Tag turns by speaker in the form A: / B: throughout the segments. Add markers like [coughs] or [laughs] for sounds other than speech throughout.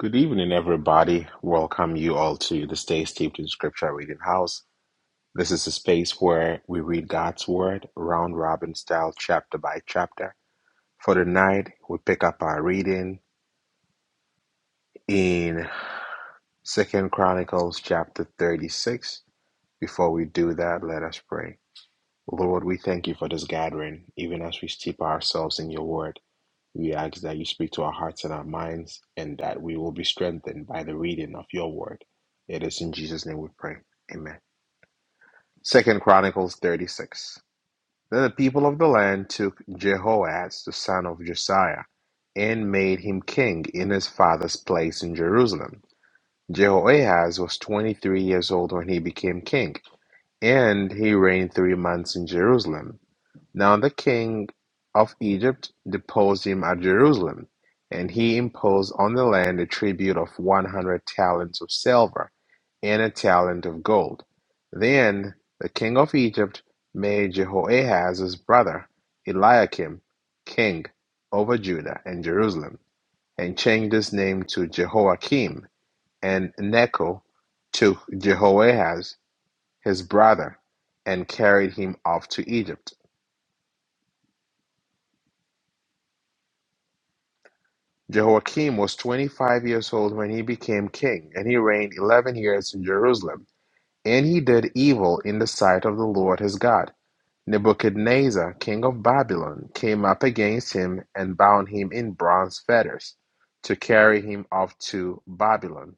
A: Good evening, everybody. Welcome you all to the Stay Steeped in Scripture Reading House. This is a space where we read God's Word round robin style, chapter by chapter. For tonight, we pick up our reading in Second Chronicles chapter 36. Before we do that, let us pray. Lord, we thank you for this gathering, even as we steep ourselves in your Word. We ask that you speak to our hearts and our minds, and that we will be strengthened by the reading of your word. It is in Jesus' name we pray. Amen. Second Chronicles 36. Then the people of the land took Jehoaz, the son of Josiah, and made him king in his father's place in Jerusalem. Jehoahaz was 23 years old when he became king, and he reigned three months in Jerusalem. Now the king of Egypt deposed him at Jerusalem, and he imposed on the land a tribute of one hundred talents of silver and a talent of gold. Then the king of Egypt made Jehoahaz his brother, Eliakim, king over Judah and Jerusalem, and changed his name to Jehoiakim, and Necho to Jehoahaz, his brother, and carried him off to Egypt. Jehoiakim was 25 years old when he became king, and he reigned 11 years in Jerusalem. And he did evil in the sight of the Lord his God. Nebuchadnezzar, king of Babylon, came up against him and bound him in bronze fetters to carry him off to Babylon.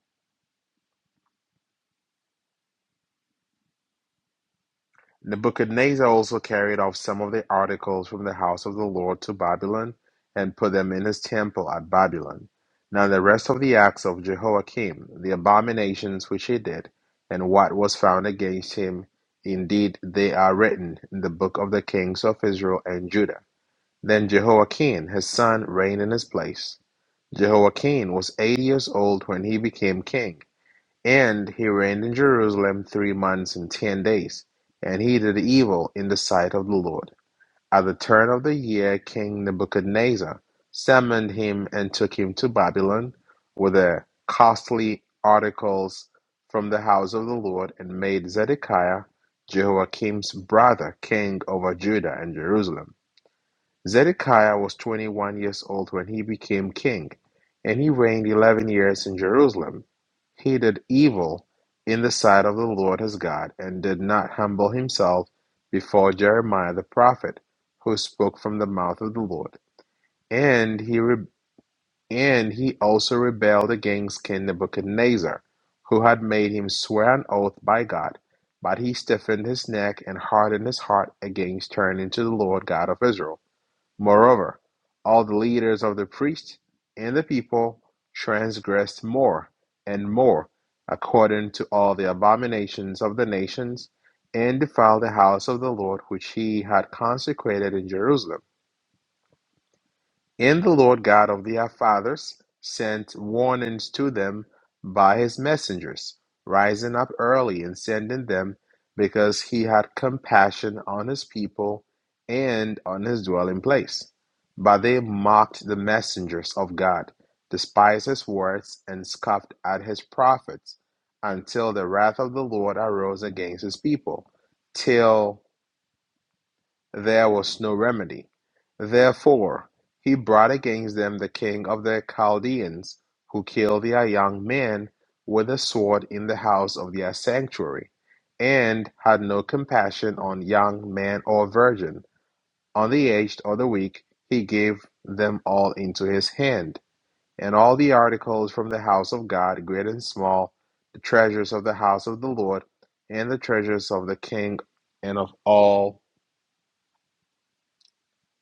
A: Nebuchadnezzar also carried off some of the articles from the house of the Lord to Babylon, and put them in his temple at Babylon. Now the rest of the acts of Jehoiakim, the abominations which he did, and what was found against him, indeed they are written in the book of the kings of Israel and Judah. Then Jehoiakim his son reigned in his place. Jehoiakim was eighty years old when he became king, and he reigned in Jerusalem three months and ten days, and he did evil in the sight of the Lord. At the turn of the year, King Nebuchadnezzar summoned him and took him to Babylon, with the costly articles from the house of the Lord, and made Zedekiah, Jehoiakim's brother, king over Judah and Jerusalem. Zedekiah was 21 years old when he became king, and he reigned 11 years in Jerusalem. He did evil in the sight of the Lord his God and did not humble himself before Jeremiah the prophet, who spoke from the mouth of the Lord. And he re- and he also rebelled against King Nebuchadnezzar, who had made him swear an oath by God. But he stiffened his neck and hardened his heart against turning to the Lord God of Israel. Moreover, all the leaders of the priests and the people transgressed more and more, according to all the abominations of the nations, and defiled the house of the Lord which he had consecrated in Jerusalem. In the Lord God of their fathers sent warnings to them by his messengers, rising up early and sending them, because he had compassion on his people and on his dwelling place. But they mocked the messengers of God, despised his words, and scoffed at his prophets, until the wrath of the Lord arose against his people, till. There was no remedy; therefore he brought against them the king of the Chaldeans, who killed their young men with a sword in the house of their sanctuary, and had no compassion on young man or virgin, on the aged or the weak; he gave them all into his hand, and all the articles from the house of God, great and small, the treasures of the house of the Lord, and the treasures of the king, and of all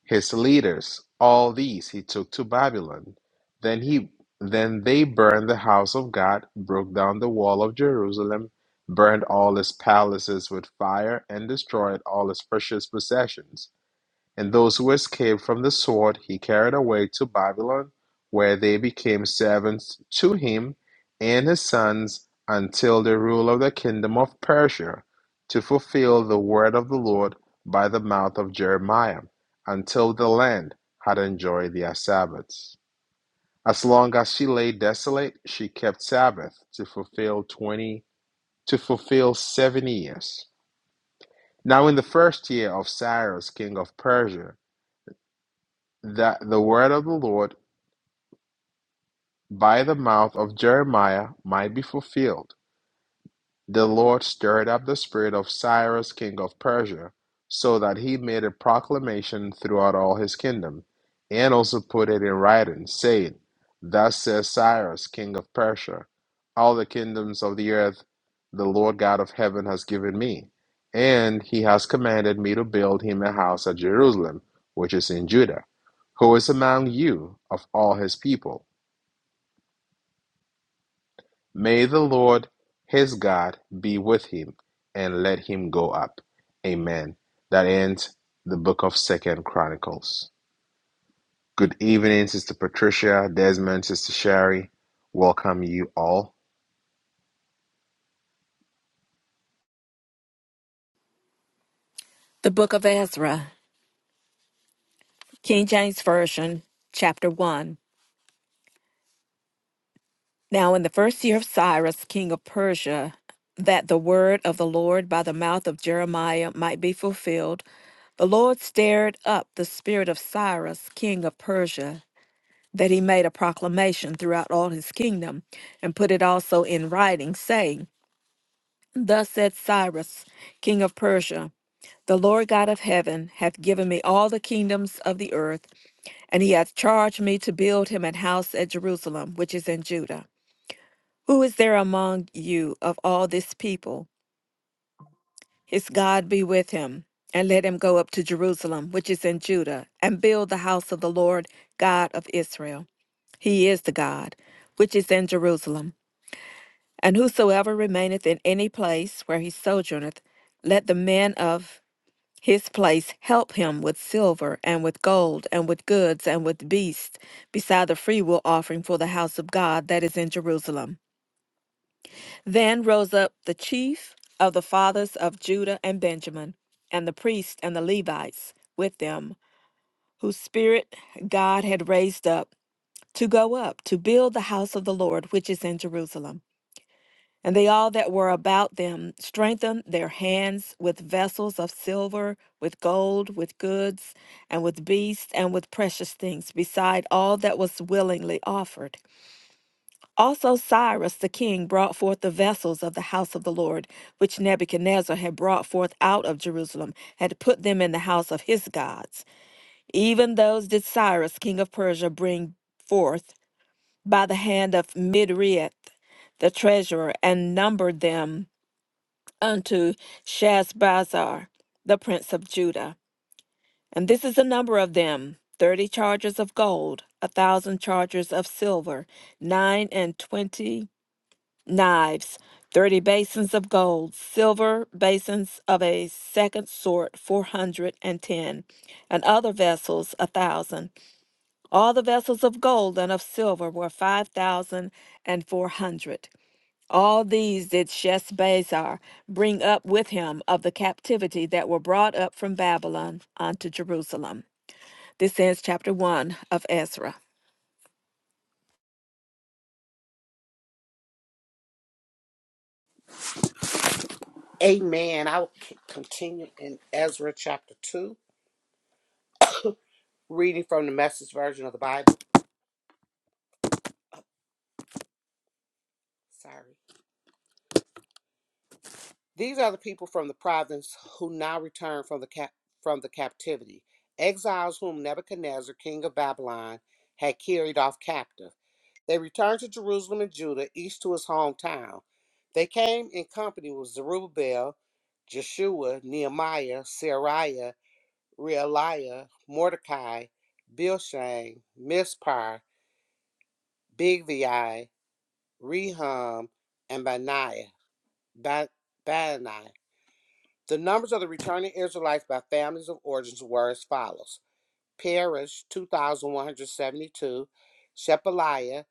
A: his leaders, all these he took to Babylon. Then he then they burned the house of God, broke down the wall of Jerusalem, burned all its palaces with fire, and destroyed all its precious possessions. And those who escaped from the sword he carried away to Babylon, where they became servants to him and his sons until the rule of the kingdom of Persia, to fulfill the word of the Lord by the mouth of Jeremiah, until the land had enjoyed their Sabbaths. As long as she lay desolate, she kept Sabbath to fulfill twenty to fulfill seven years. Now in the first year of Cyrus, king of Persia, that the word of the Lord by the mouth of Jeremiah might be fulfilled. The Lord stirred up the spirit of Cyrus, king of Persia, so that he made a proclamation throughout all his kingdom, and also put it in writing, saying, Thus says Cyrus, king of Persia, all the kingdoms of the earth the Lord God of heaven has given me, and he has commanded me to build him a house at Jerusalem, which is in Judah. Who is among you of all his people? May the Lord his God be with him, and let him go up. Amen. That ends the book of Second Chronicles. Good evening, Sister Patricia, Desmond, Sister Sherry. Welcome you all.
B: The Book of Ezra, King James Version, Chapter 1. Now, in the first year of Cyrus, king of Persia, that the word of the Lord by the mouth of Jeremiah might be fulfilled, the Lord stirred up the spirit of Cyrus, king of Persia, that he made a proclamation throughout all his kingdom, and put it also in writing, saying, Thus said Cyrus, king of Persia, The Lord God of heaven hath given me all the kingdoms of the earth And he hath charged me to build him an house at Jerusalem, which is in Judah. Who is there among you of all this people? His God be with him, and let him go up to Jerusalem, which is in Judah, and build the house of the Lord God of Israel. He is the God, which is in Jerusalem. And whosoever remaineth in any place where he sojourneth, let the men of his place help him with silver and with gold and with goods and with beasts, beside the freewill offering for the house of God that is in Jerusalem. Then rose up the chief of the fathers of Judah and Benjamin, and the priests and the Levites with them, whose spirit God had raised up, to go up to build the house of the Lord which is in Jerusalem. And they all that were about them strengthened their hands with vessels of silver, with gold, with goods, and with beasts, and with precious things, beside all that was willingly offered. Also Cyrus the king brought forth the vessels of the house of the Lord, which Nebuchadnezzar had brought forth out of Jerusalem, had put them in the house of his gods. Even those did Cyrus king of Persia bring forth by the hand of Midriath the treasurer, and numbered them unto Shazbazar, the prince of Judah. And this is the number of them thirty chargers of gold, a thousand chargers of silver, nine and twenty knives, thirty basins of gold, silver basins of a second sort, four hundred and ten, and other vessels, a thousand. All the vessels of gold and of silver were five thousand and four hundred. All these did Sheshbazzar bring up with him of the captivity that were brought up from Babylon unto Jerusalem. This ends chapter 1 of Ezra.
C: Amen. I will c- continue in Ezra chapter 2, reading from the message version of the Bible. Sorry. These are the people from the province who now return from the cap- from the captivity, exiles whom Nebuchadnezzar, king of Babylon, had carried off captive. They returned to Jerusalem and Judah, each to his hometown. They came in company with Zerubbabel, Jeshua, Nehemiah, Seraiah, Realiah, Mordecai, Bilshang, Mispar, Big VI, Rehum, and Benaiah. Ba- Benaiah. The numbers of the returning Israelites by families of origins were as follows Parish, 2,172, Shepaliah,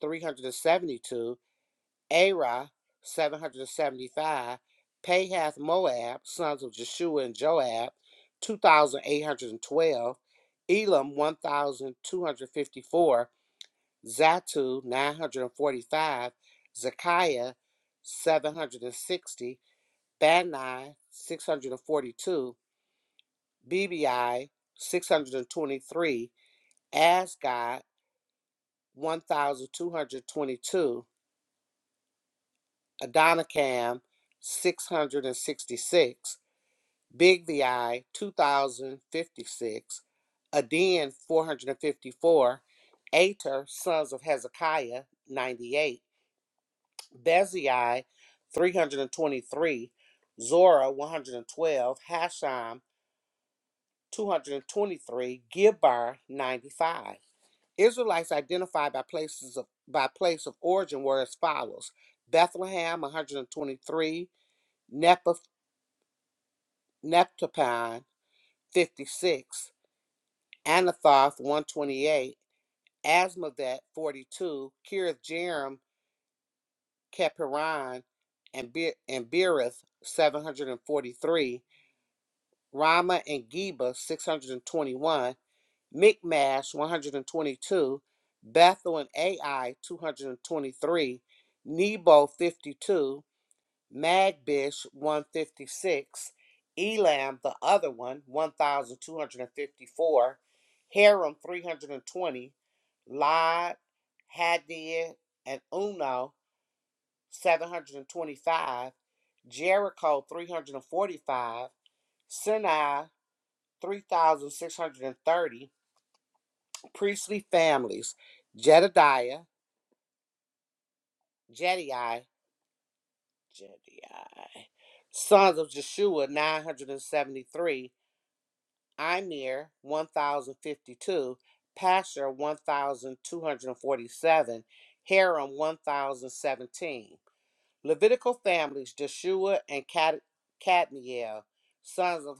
C: 372, Arah, 775, Pahath Moab, sons of Jeshua and Joab, 2,812, Elam, 1,254, Zatu 945, Zekiah 760, Bani 642, BBI 623, Asgod 1222, Adonikam 666, Big 2056, Aden 454, Ater, Sons of Hezekiah 98. Bezai 323, Zora 112, Hasham 223, Gibbar 95. Israelites identified by places of by place of origin were as follows: Bethlehem 123, Neph- Nephtapon 56, Anathoth 128, Asmavet 42, Kirith Jearim, Kepiron, and Be- and Beereth 743. Rama and Geba 621, Mikmash 122, Bethel and Ai 223, Nebo 52, Magbish 156, Elam the other one 1254, Haram 320, Lod, Hadir, and Uno 725, Jericho 345, Sinai 3,630 priestly families Jedediah, Jediah, Jediah, sons of Jeshua, 973, Imir, 1,052, Pasher, 1,247, Haram, 1,017. Levitical families Jeshua and Cad- Cadmiel, sons of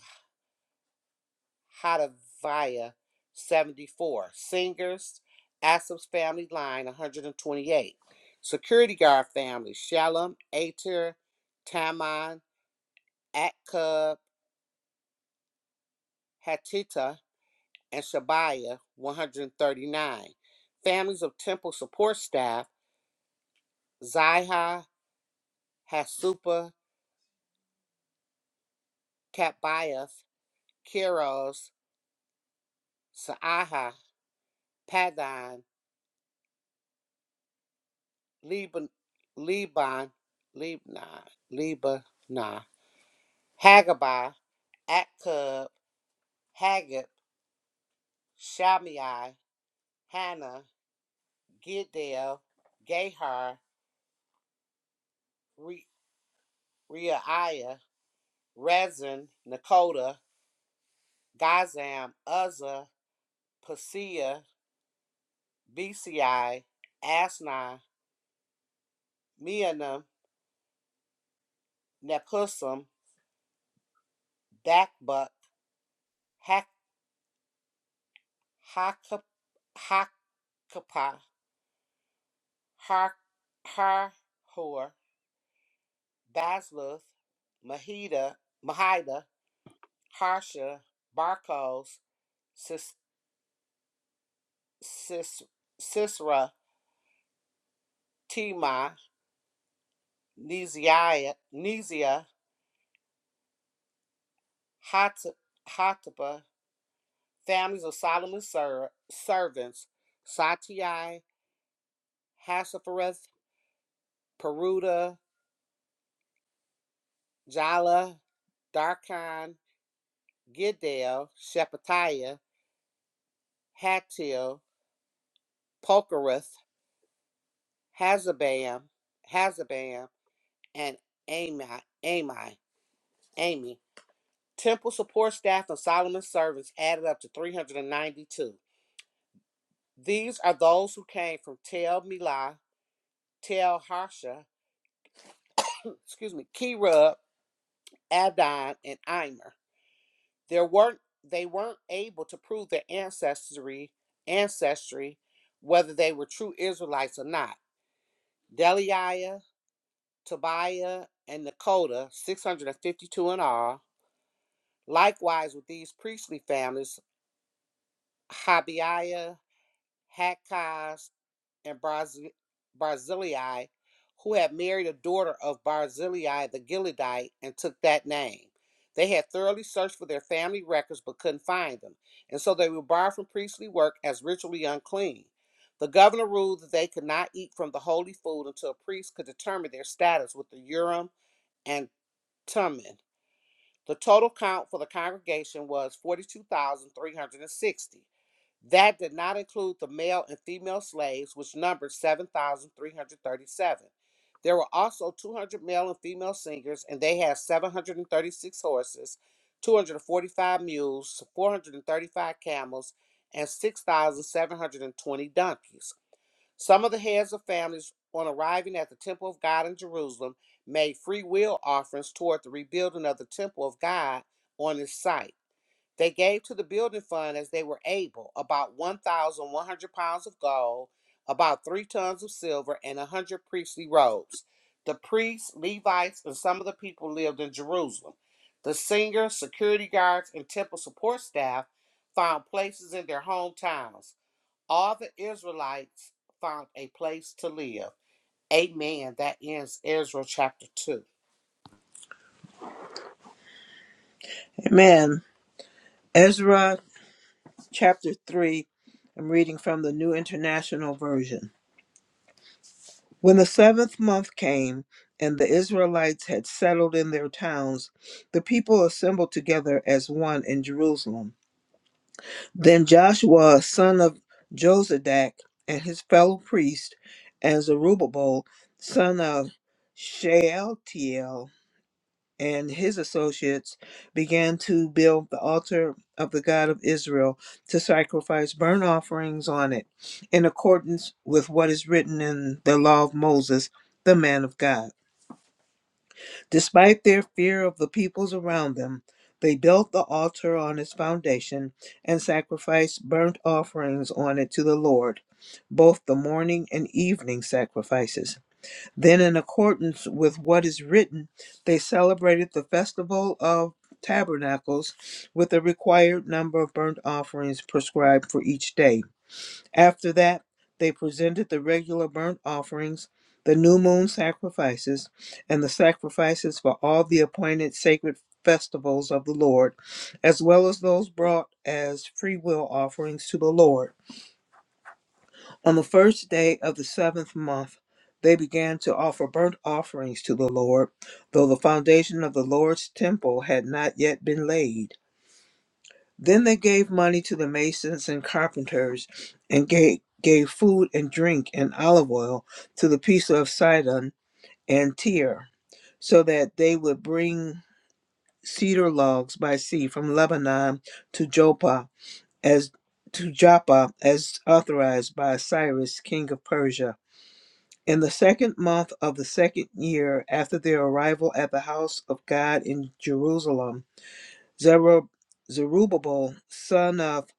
C: Hadavaya, 74. Singers, Asaph's family line, 128. Security guard family, Shalom, Ater, Taman, Akkub, Hatita, and Shabiah, 139. Families of temple support staff, Ziha, Hasupa, Katbiath, Kiros, Saaha, Padan, Liban, Liban, Lebanon, Lebanon. Hagabah, Akkub, Haggab, Shammai, Hannah, Giddel, Gahar, Re- Reiah, Rezin, Nakoda, Gazam, Uzzah, Paseah, Bci, Asni, Meonim, Nepusim, Dakbuk, Hak- Hakap- Hakapah, Har, Harhor, Basluth, Mahida, Mahida, Harsha, Barkos, Sis, Sis, Sisera, Tema, Neziah, Hataba, families of Solomon's ser- servants, Satai, Hasaphareth, Peruda, Jala, Darkan, Giddel, Shephatiah, Hatil, Pokereth, Hazabam, Hazabam, and Ami, Ami, Amy. Temple support staff and Solomon's servants added up to 392. These are those who came from Tel Milah, Tel Harsha, [coughs] excuse me, Kirub, Adon, and Imer. There weren't they weren't able to prove their ancestry ancestry, whether they were true Israelites or not. Deliah, Tobiah, and Nakoda, 652 in all. Likewise with these priestly families, Habiah, Hakaz, and Barzil- Barzillai, who had married a daughter of Barzillai the Gileadite and took that name. They had thoroughly searched for their family records but couldn't find them, and so they were barred from priestly work as ritually unclean. The governor ruled that they could not eat from the holy food until a priest could determine their status with the Urim and Thummim. The total count for the congregation was 42,360. That did not include the male and female slaves, which numbered 7,337. There were also 200 male and female singers, and they had 736 horses, 245 mules, 435 camels, and 6,720 donkeys. Some of the heads of families, on arriving at the Temple of God in Jerusalem, made free will offerings toward the rebuilding of the Temple of God on its site. They gave to the building fund as they were able about 1,100 pounds of gold, about three tons of silver, and a 100 priestly robes. The priests, Levites, and some of the people lived in Jerusalem. The singers, security guards, and temple support staff found places in their hometowns. All the Israelites found a place to live. Amen. That ends Ezra chapter 2.
D: Amen. Ezra chapter 3. I'm reading from the New International Version. When the seventh month came and the Israelites had settled in their towns, the people assembled together as one in Jerusalem. Then Joshua, son of Josadak, and his fellow priest, and Zerubbabel, son of Shealtiel, and his associates began to build the altar of the God of Israel to sacrifice burnt offerings on it, in accordance with what is written in the law of Moses, the man of God. Despite their fear of the peoples around them, they built the altar on its foundation and sacrificed burnt offerings on it to the Lord, both the morning and evening sacrifices. Then, in accordance with what is written, they celebrated the festival of tabernacles with the required number of burnt offerings prescribed for each day. After that, they presented the regular burnt offerings, the new moon sacrifices, and the sacrifices for all the appointed sacred festivals of the Lord, as well as those brought as free will offerings to the Lord. On the first day of the seventh month, they began to offer burnt offerings to the Lord, though the foundation of the Lord's temple had not yet been laid. Then they gave money to the masons and carpenters, and gave, gave food and drink and olive oil to the people of Sidon and Tyre, so that they would bring cedar logs by sea from Lebanon to Joppa, as to Joppa, as authorized by Cyrus, king of Persia. In the second month of the second year after their arrival at the house of God in Jerusalem, Zerub- Zerubbabel, son of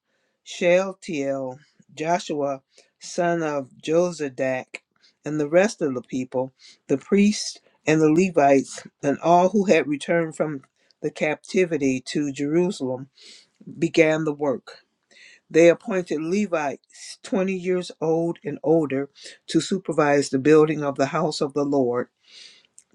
D: Shealtiel, Joshua, son of Jozadak, and the rest of the people, the priests and the Levites, and all who had returned from the captivity to Jerusalem, began the work. They appointed Levites 20 years old and older to supervise the building of the house of the Lord.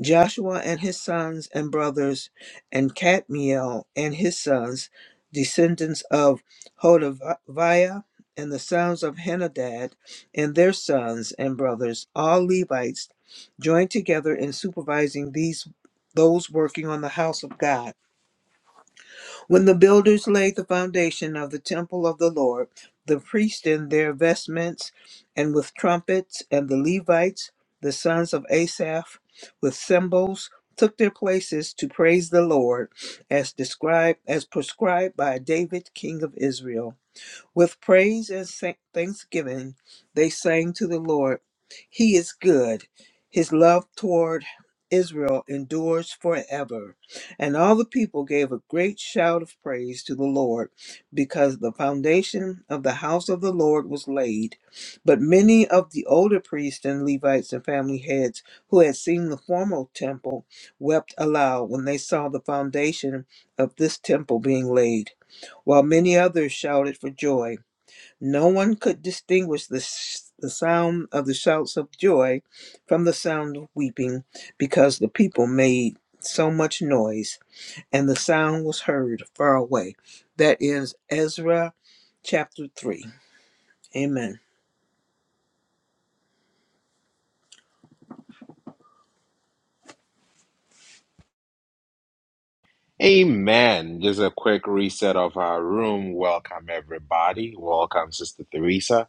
D: Joshua and his sons and brothers, and Cadmiel and his sons, descendants of Hodaviah, and the sons of Henadad and their sons and brothers, all Levites, joined together in supervising these those working on the house of God. When the builders laid the foundation of the temple of the Lord, the priests in their vestments and with trumpets, and the Levites, the sons of Asaph, with cymbals, took their places to praise the Lord, as described as prescribed by David, king of Israel. With praise and sa- thanksgiving, they sang to the Lord, He is good. His love toward Israel endures forever. And all the people gave a great shout of praise to the Lord, because the foundation of the house of the Lord was laid. But many of the older priests and Levites and family heads who had seen the former temple wept aloud when they saw the foundation of this temple being laid, while many others shouted for joy no one could distinguish the, s- the sound of the shouts of joy from the sound of weeping because the people made so much noise and the sound was heard far away. That is Ezra chapter 3. Amen.
A: Amen. Just a quick reset of our room. Welcome everybody. Welcome, Sister Theresa.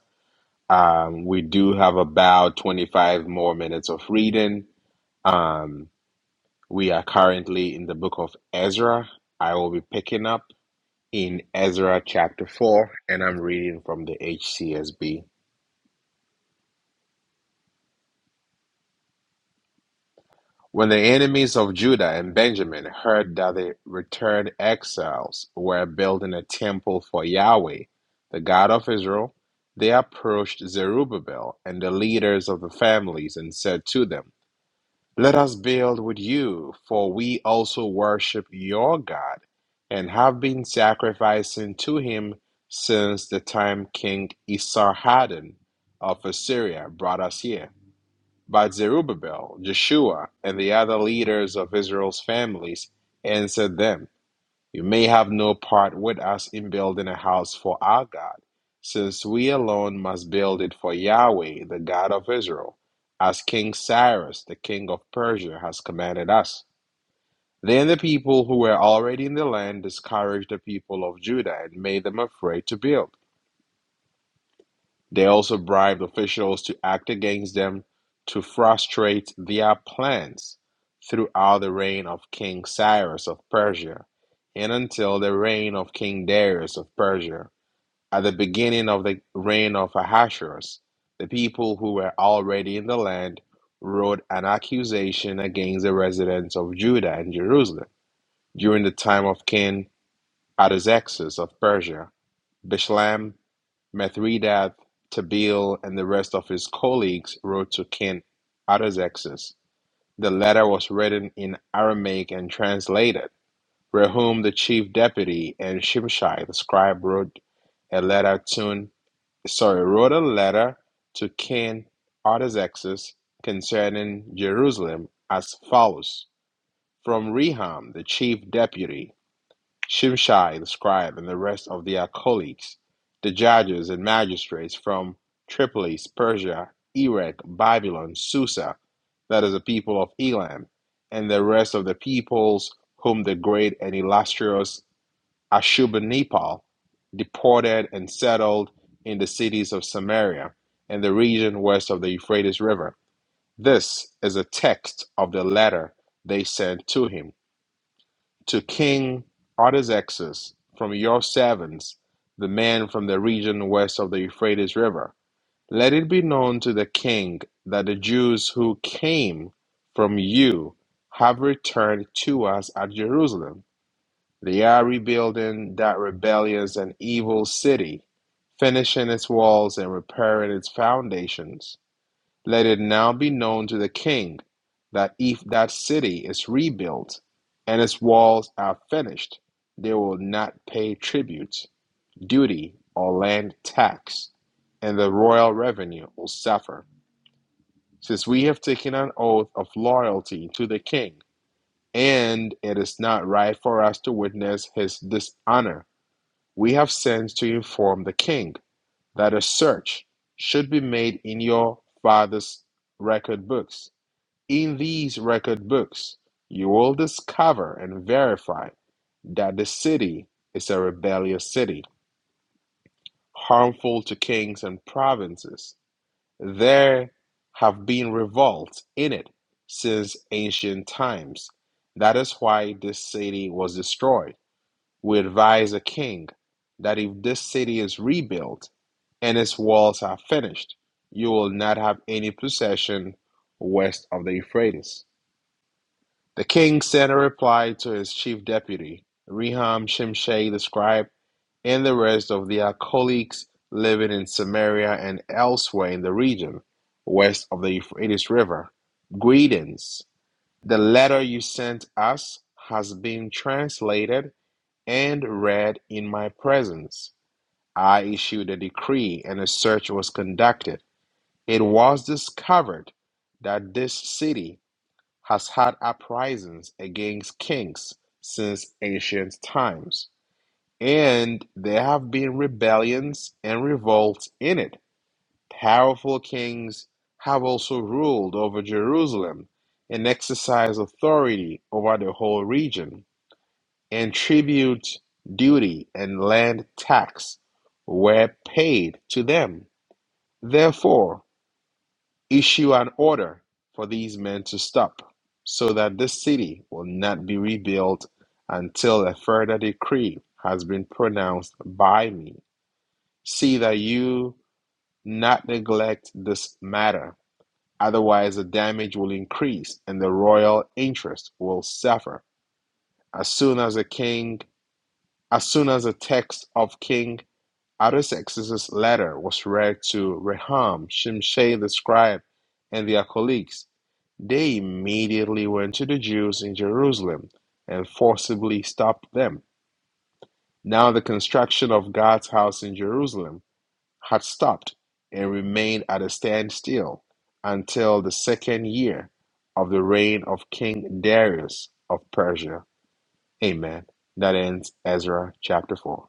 A: Um, we do have about 25 more minutes of reading. Um, we are currently in the book of Ezra. I will be picking up. in Ezra chapter 4, and I'm reading from the HCSB. When the enemies of Judah and Benjamin heard that the returned exiles were building a temple for Yahweh, the God of Israel, they approached Zerubbabel and the leaders of the families and said to them, Let us build with you, for we also worship your God, and have been sacrificing to him since the time King Esarhaddon of Assyria brought us here. But Zerubbabel, Joshua, and the other leaders of Israel's families answered them. You may have no part with us in building a house for our God, since we alone must build it for Yahweh, the God of Israel, as King Cyrus, the king of Persia, has commanded us. Then the people who were already in the land discouraged the people of Judah and made them afraid to build. They also bribed officials to act against them to frustrate their plans throughout the reign of King Cyrus of Persia and until the reign of King Darius of Persia. At the beginning of the reign of Ahasuerus, the people who were already in the land wrote an accusation against the residents of Judah and Jerusalem. During the time of King Artaxerxes of Persia, Bishlam. Mithridates, Tabeel, and the rest of his colleagues wrote to King Artaxerxes. The letter was written in Aramaic and translated. Rehum, the chief deputy, and Shimshai, the scribe, wrote a letter to sorry wrote a letter to King Artaxerxes concerning Jerusalem as follows: From Rehum, the chief deputy. Shimshai the scribe and the rest of their colleagues, the judges and magistrates from Tripolis, Persia, Erech, Babylon, Susa, that is the people of Elam, and the rest of the peoples whom the great and illustrious Ashurbanipal deported and settled in the cities of Samaria and the region west of the Euphrates River. This is a text of the letter they sent to him to King Artaxerxes from your servants, the man from the region west of the Euphrates River. Let it be known to the king that the Jews who came from you have returned to us at Jerusalem. They are rebuilding that rebellious and evil city, finishing its walls and repairing its foundations. Let it now be known to the king that if that city is rebuilt and its walls are finished, they will not pay tribute, duty, or land tax, and the royal revenue will suffer. Since we have taken an oath of loyalty to the king, and it is not right for us to witness his dishonor, we have sent to inform the king that a search should be made in your father's record books in these record books, you will discover and verify that the city is a rebellious city, harmful to kings and provinces. There have been revolts in it since ancient times. That is why this city was destroyed. We advise a king that if this city is rebuilt and its walls are finished, you will not have any possession west of the Euphrates. The king sent a reply to his chief deputy, Rehum Shimshai the scribe, and the rest of their colleagues living in Samaria and elsewhere in the region west of the Euphrates River. Greetings. The letter you sent us has been translated and read in my presence. I issued a decree and a search was conducted. It was discovered that this city has had uprisings against kings since ancient times, and there have been rebellions and revolts in it. Powerful kings have also ruled over Jerusalem and exercised authority over the whole region, and tribute, duty, and land tax were paid to them. Therefore, Issue an order for these men to stop, so that this city will not be rebuilt until a further decree has been pronounced by me. See that you not neglect this matter, otherwise the damage will increase and the royal interest will suffer. As soon as the king, as soon as the text of King Artaxerxes' letter was read to Rehum, Shimshai the scribe, and their colleagues. They immediately went to the Jews in Jerusalem and forcibly stopped them. Now the construction of God's house in Jerusalem had stopped and remained at a standstill until the second year of the reign of King Darius of Persia. Amen. That ends Ezra chapter 4.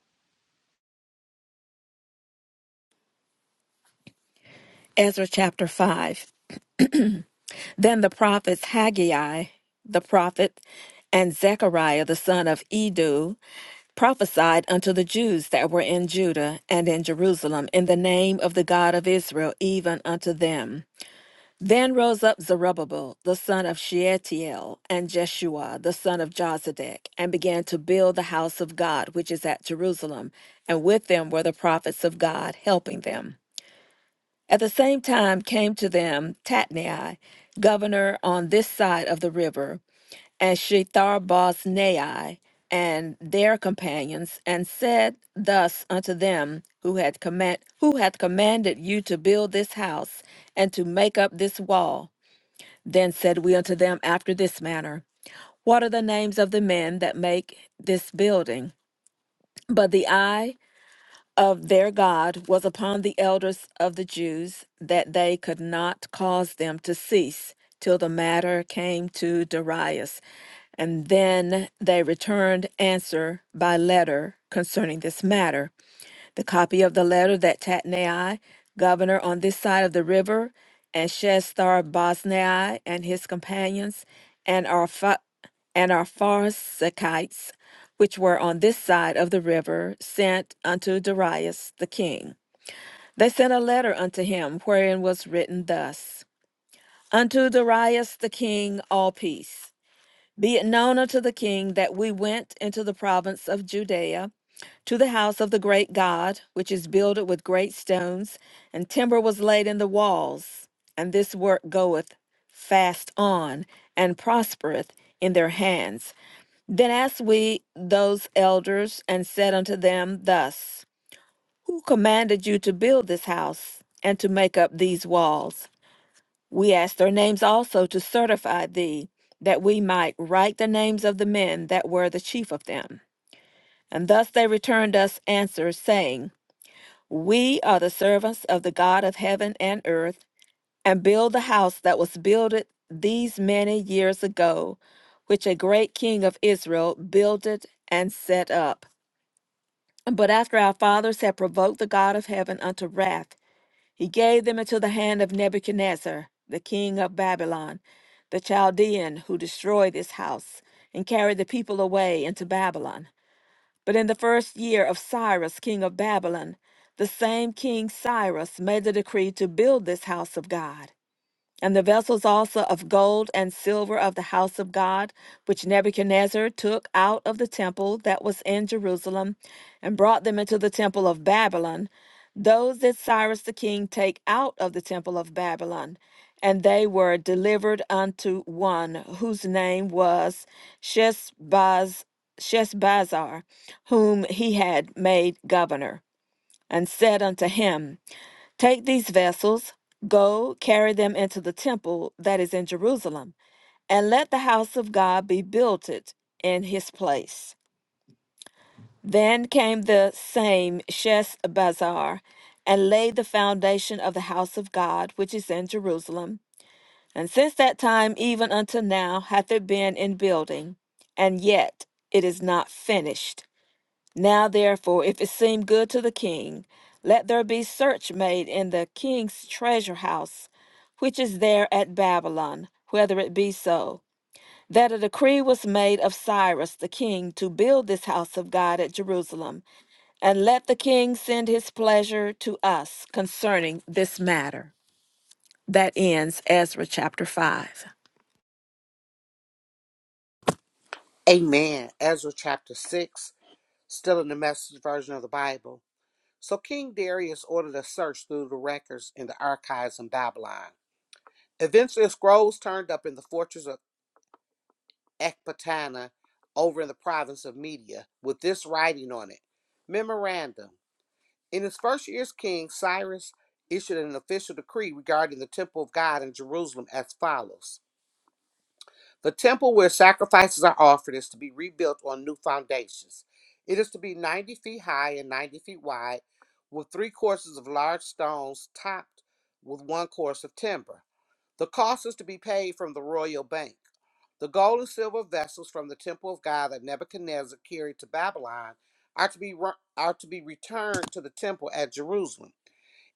B: Ezra chapter 5. Then the prophets Haggai, the prophet, and Zechariah the son of Edu prophesied unto the Jews that were in Judah and in Jerusalem in the name of the God of Israel, even unto them. Then rose up Zerubbabel, the son of Shealtiel, and Jeshua, the son of Jozadak, and began to build the house of God, which is at Jerusalem, and with them were the prophets of God helping them. At the same time came to them Tatnai, governor on this side of the river, and Shethar-boznai and their companions, and said thus unto them who had command, who hath commanded you to build this house and to make up this wall then said we unto them after this manner What are the names of the men that make this building? But the eye of their God was upon the elders of the Jews, that they could not cause them to cease till the matter came to Darius. And then they returned answer by letter concerning this matter. The copy of the letter that Tatnai, governor on this side of the river, and Shestar Bosnai and his companions, and our fa- and our Pharsakites, which were on this side of the river, sent unto Darius the king. They sent a letter unto him, wherein was written thus Unto Darius the king, all peace. Be it known unto the king that we went into the province of Judea to the house of the great God, which is builded with great stones, and timber was laid in the walls. And this work goeth fast on, and prospereth in their hands. Then asked we those elders, and said unto them thus, Who commanded you to build this house, and to make up these walls? We asked their names also to certify thee, that we might write the names of the men that were the chief of them. And thus they returned us answers, saying, we are the servants of the God of heaven and earth, and build the house that was builded these many years ago, which a great king of Israel builded and set up. But after our fathers had provoked the God of heaven unto wrath, he gave them into the hand of Nebuchadnezzar, the king of Babylon, the Chaldean, who destroyed this house, and carried the people away into Babylon. But in the first year of Cyrus, king of Babylon, the same king Cyrus made the decree to build this house of God. And the vessels also of gold and silver of the house of God, which Nebuchadnezzar took out of the temple that was in Jerusalem, and brought them into the temple of Babylon, those did Cyrus the king take out of the temple of Babylon. And they were delivered unto one whose name was Sheshbaz, Sheshbazzar, whom he had made governor, and said unto him, Take these vessels, go carry them into the temple that is in Jerusalem, and let the house of God be built in his place. Then came the same Sheshbazzar, and laid the foundation of the house of God, which is in Jerusalem. And since that time even until now hath it been in building, and yet it is not finished. Now, therefore, if it seem good to the king, let there be search made in the king's treasure house, which is there at Babylon, whether it be so, that a decree was made of Cyrus the king to build this house of God at Jerusalem, and let the king send his pleasure to us concerning this matter. That ends Ezra chapter 5.
C: Amen. Ezra chapter 6, still in the message version of the Bible. So King Darius ordered a search through the records in the archives in Babylon. Eventually, scrolls turned up in the fortress of Ecbatana over in the province of Media with this writing on it Memorandum. In his first year as king, Cyrus issued an official decree regarding the temple of God in Jerusalem as follows The temple where sacrifices are offered is to be rebuilt on new foundations. It is to be 90 feet high and 90 feet wide, with three courses of large stones topped with one course of timber. The cost is to be paid from the royal bank. The gold and silver vessels from the temple of God that Nebuchadnezzar carried to Babylon are to be, ru- are to be returned to the temple at Jerusalem,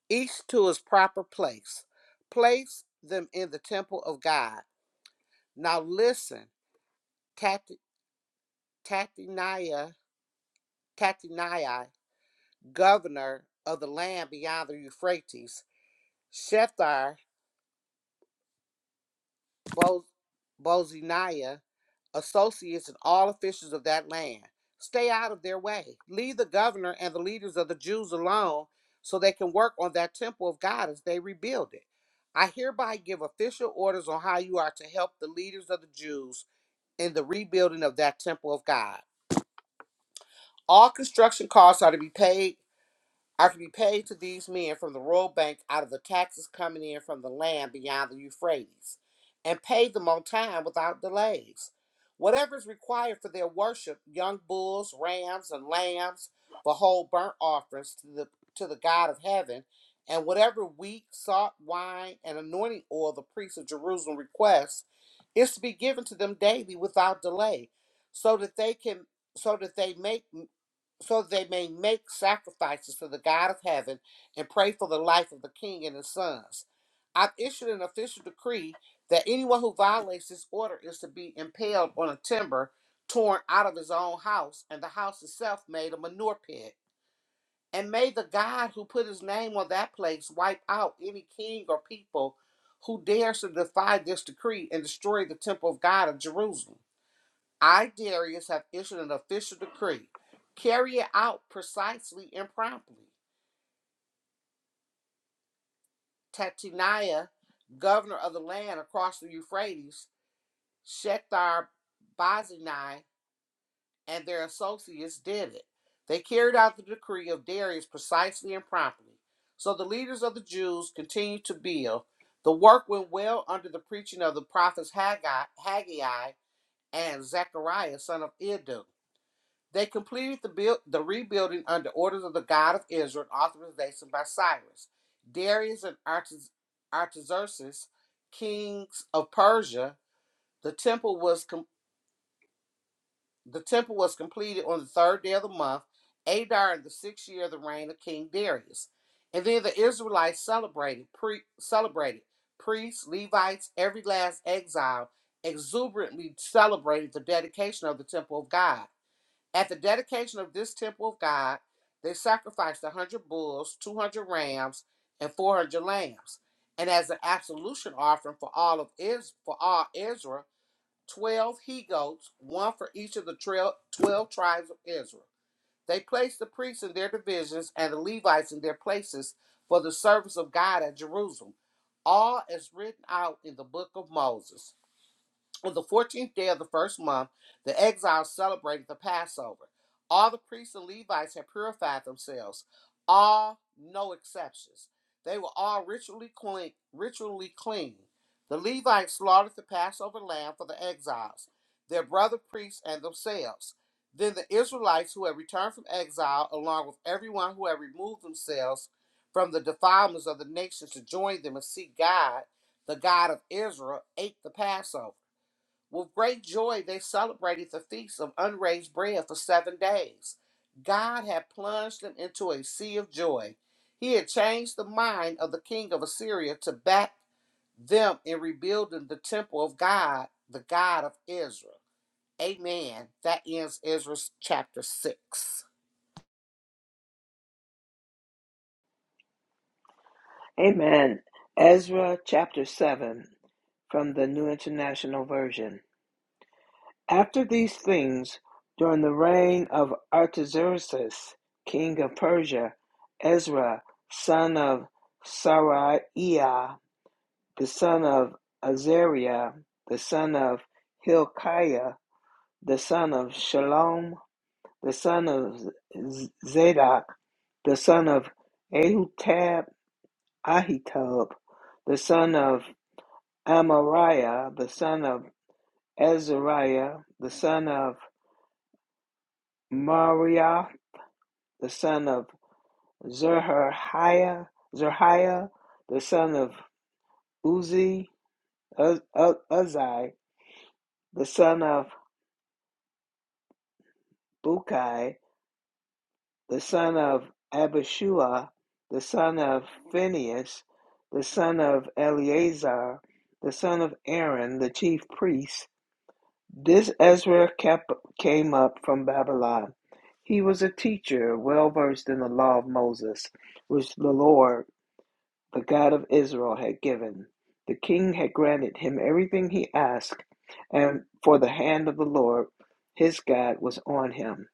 C: each to its proper place. Place them in the temple of God. Now listen. Tat- Tatinaya, Tatinai, governor of the land beyond the Euphrates, Shethar Bo- Bozaniah, associates and all officials of that land. Stay out of their way. Leave the governor and the leaders of the Jews alone so they can work on that temple of God as they rebuild it. I hereby give official orders on how you are to help the leaders of the Jews in the rebuilding of that temple of God. All construction costs are to be paid are to be paid to these men from the royal bank out of the taxes coming in from the land beyond the Euphrates, and pay them on time without delays. Whatever is required for their worship, young bulls, rams, and lambs, for whole burnt offerings to the to the God of heaven, and whatever wheat, salt, wine, and anointing oil the priests of Jerusalem request, is to be given to them daily without delay, so that they can so that they make so that they may make sacrifices to the God of heaven and pray for the life of the king and his sons. I've issued an official decree that anyone who violates this order is to be impaled on a timber torn out of his own house, and the house itself made a manure pit. And may the God who put his name on that place wipe out any king or people who dares to defy this decree and destroy the temple of God of Jerusalem. I, Darius, have issued an official decree. Carry it out precisely and promptly. Tatiniah, governor of the land across the Euphrates, Shethar Bazinai, and their associates did it. They carried out the decree of Darius precisely and promptly. So the leaders of the Jews continued to build. The work went well under the preaching of the prophets Haggai, Haggai and Zechariah, son of Iddo. They completed the build, the rebuilding under orders of the God of Israel and authorization by Cyrus. Darius and Artax- Artaxerxes, kings of Persia, the temple was com- the temple was completed on the third day of the month, Adar in the sixth year of the reign of King Darius. And then the Israelites celebrated, pre- celebrated priests, Levites, every last exile exuberantly celebrated the dedication of the temple of God. At the dedication of this temple of God, they sacrificed 100 bulls, 200 rams, and 400 lambs. And as an absolution offering for all of Is- for all Israel, 12 he goats, one for each of the 12 tribes of Israel. They placed the priests in their divisions and the Levites in their places for the service of God at Jerusalem, all as written out in the book of Moses. On the 14th day of the first month, the exiles celebrated the Passover. All the priests and Levites had purified themselves, all, no exceptions. They were all ritually clean. Ritually clean. The Levites slaughtered the Passover lamb for the exiles, their brother priests, and themselves. Then the Israelites who had returned from exile, along with everyone who had removed themselves from the defilements of the nations to join them and seek God, the God of Israel, ate the Passover. With great joy, they celebrated the feast of unraised bread for seven days. God had plunged them into a sea of joy. He had changed the mind of the king of Assyria to back them in rebuilding the temple of God, the God of Israel. Amen. That ends Ezra chapter 6.
D: Amen. Ezra chapter 7 from the New International Version. After these things, during the reign of Artaxerxes, king of Persia, Ezra, son of Seraiah, the son of Azariah, the son of Hilkiah, the son of Shalom, the son of Z- Zadok, the son of Ahutab, Ahitub, the son of Amariah, the son of Azariah, the son of Mariah, the son of Zerhiah, Zerhiah, the son of Uzi, Uz- U- Uzzi, the son of Bukai, the son of Abishua, the son of Phinehas, the son of Eleazar, the son of Aaron, the chief priest. This Ezra kept, came up from Babylon. He was a teacher, well versed in the law of Moses, which the Lord the God of Israel had given. The king had granted him everything he asked, and for the hand of the Lord his God was on him.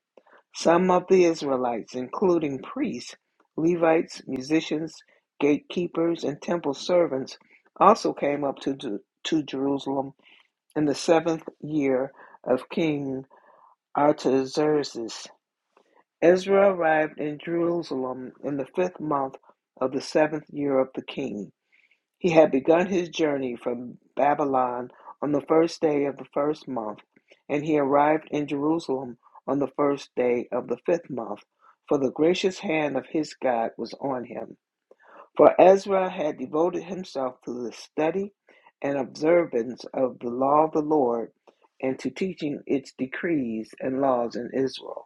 D: Some of the Israelites, including priests, Levites, musicians, gatekeepers, and temple servants, also came up to, to, Jerusalem in the seventh year of King Artaxerxes. Ezra arrived in Jerusalem in the fifth month of the seventh year of the king. He had begun his journey from Babylon on the first day of the first month, and he arrived in Jerusalem on the first day of the fifth month, for the gracious hand of his God was on him. For Ezra had devoted himself to the study and observance of the law of the Lord and to teaching its decrees and laws in Israel.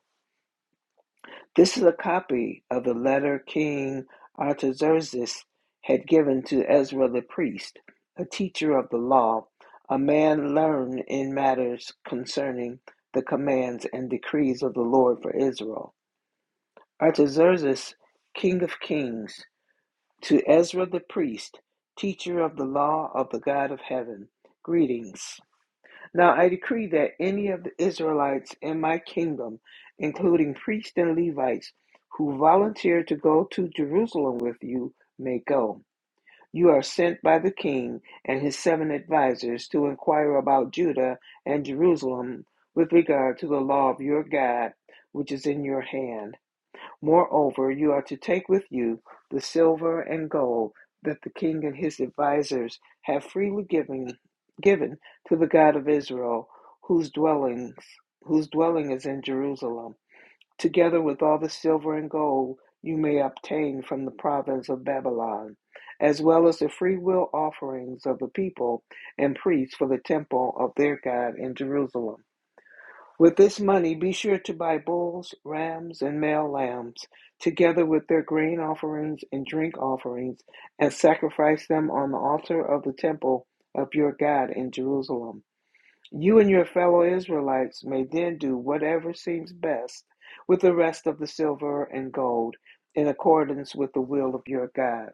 D: This is a copy of the letter King Artaxerxes had given to Ezra the priest, a teacher of the law, a man learned in matters concerning the commands and decrees of the Lord for Israel. Artaxerxes, king of kings, to Ezra the priest, teacher of the law of the God of heaven, greetings. Now I decree that any of the Israelites in my kingdom, including priests and Levites, who volunteer to go to Jerusalem with you, may go. You are sent by the king and his seven advisers to inquire about Judah and Jerusalem with regard to the law of your God, which is in your hand. Moreover, you are to take with you the silver and gold that the king and his advisers have freely given, given to the God of Israel, whose dwellings whose dwelling is in Jerusalem, together with all the silver and gold you may obtain from the province of Babylon, as well as the freewill offerings of the people and priests for the temple of their God in Jerusalem. With this money, be sure to buy bulls, rams, and male lambs, together with their grain offerings and drink offerings, and sacrifice them on the altar of the temple of your God in Jerusalem. You and your fellow Israelites may then do whatever seems best with the rest of the silver and gold, in accordance with the will of your God.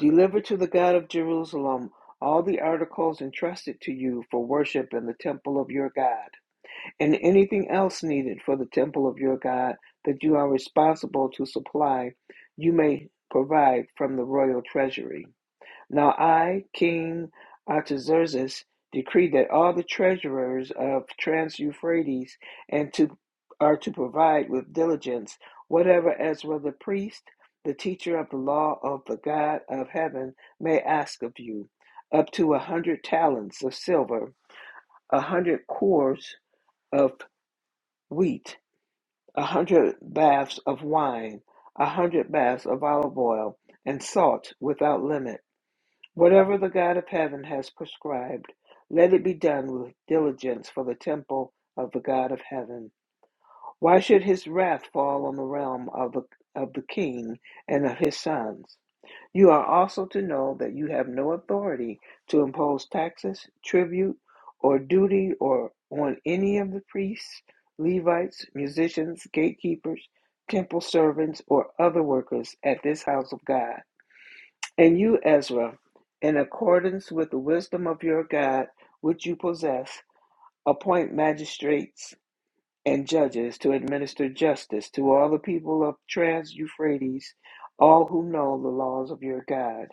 D: Deliver to the God of Jerusalem all the articles entrusted to you for worship in the temple of your God and anything else needed for the temple of your God that you are responsible to supply, you may provide from the royal treasury. Now I, King Artaxerxes, decree that all the treasurers of Trans Euphrates and to are to provide with diligence whatever Ezra the priest, the teacher of the law of the God of heaven, may ask of you, up to a hundred talents of silver, a hundred cores of wheat, a hundred baths of wine, a hundred baths of olive oil, and salt without limit. Whatever the God of heaven has prescribed, let it be done with diligence for the temple of the God of heaven. Why should his wrath fall on the realm of the of the king and of his sons? You are also to know that you have no authority to impose taxes, tribute, or duty or on any of the priests, Levites, musicians, gatekeepers, temple servants, or other workers at this house of God. And you, Ezra, in accordance with the wisdom of your God, which you possess, appoint magistrates and judges to administer justice to all the people of Trans Euphrates, all who know the laws of your God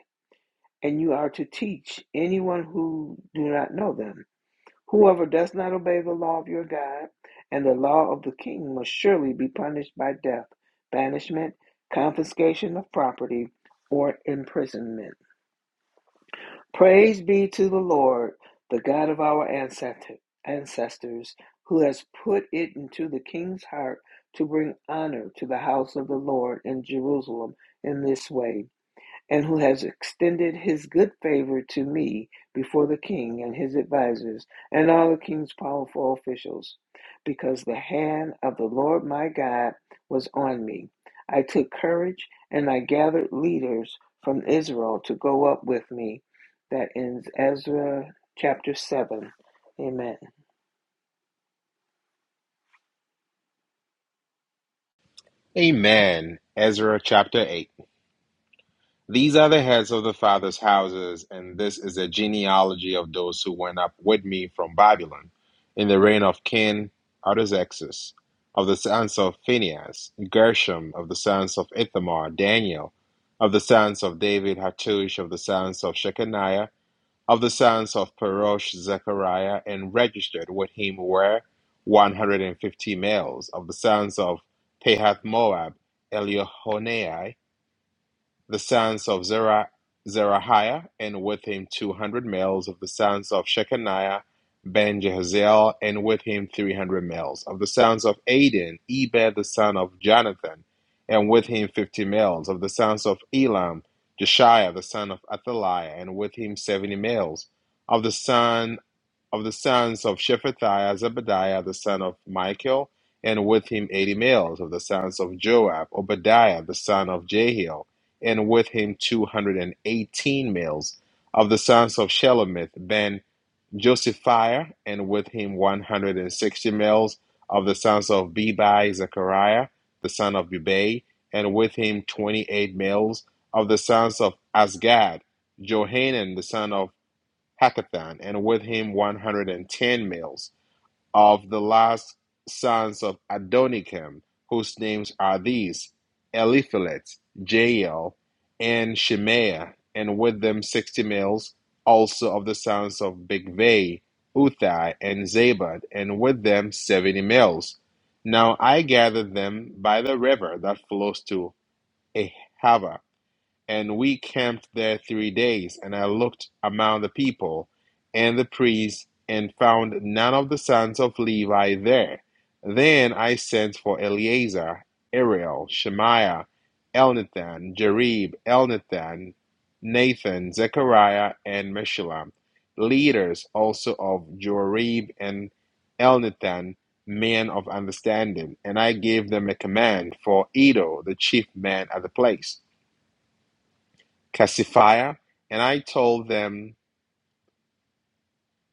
D: and you are to teach anyone who do not know them. Whoever does not obey the law of your God and the law of the king must surely be punished by death, banishment, confiscation of property, or imprisonment. Praise be to the Lord, the God of our ancestor- ancestors, who has put it into the king's heart to bring honor to the house of the Lord in Jerusalem in this way and who has extended his good favor to me before the king and his advisers and all the king's powerful officials, because the hand of the Lord my God was on me. I took courage and I gathered leaders from Israel to go up with me. That ends Ezra chapter 7. Amen.
A: Amen. Ezra chapter 8. These are the heads of the fathers' houses, and this is a genealogy of those who went up with me from Babylon in the reign of King Artaxerxes, of the sons of Phinehas, Gershom, of the sons of Ithamar, Daniel, of the sons of David, Hattush, of the sons of Shechaniah, of the sons of Perosh, Zechariah, and registered with him were 150 males, of the sons of Pahath Moab, Eliehoenai, the sons of Zerah, Zerahiah, and with him two hundred males of the sons of Shechaniah, Ben Jehaziel, and with him three hundred males of the sons of Aden, Eber the son of Jonathan, and with him fifty males of the sons of Elam, Jeshiah the son of Athaliah, and with him seventy males of the son of the sons of Shephatiah, Zebadiah the son of Michael, and with him eighty males of the sons of Joab, Obadiah the son of Jehiel, and with him two hundred and eighteen males of the sons of Shelomith ben Josephiah, and with him one hundred and sixty males of the sons of Bebai, Zechariah the son of Bebai, and with him twenty eight males of the sons of Asgad, Johanan the son of hackathon, and with him 110 males of the last sons of Adonikam, whose names are these Eliphelet, Jael, and Shemaiah, and with them 60 males also of the sons of Bigvai, Uthai, and Zabad, and with them 70 males. Now I gathered them by the river that flows to Ahava and we camped there three days, and I looked among the people and the priests, and found none of the sons of Levi there. Then I sent for Eleazar, Ariel, Shemaiah, Elnathan, Jerib, Elnathan, Nathan, Zechariah, and Meshullam, leaders also of Jorib and Elnathan, men of understanding, and I gave them a command for Edo, the chief man at the place. Cassifier, and I told them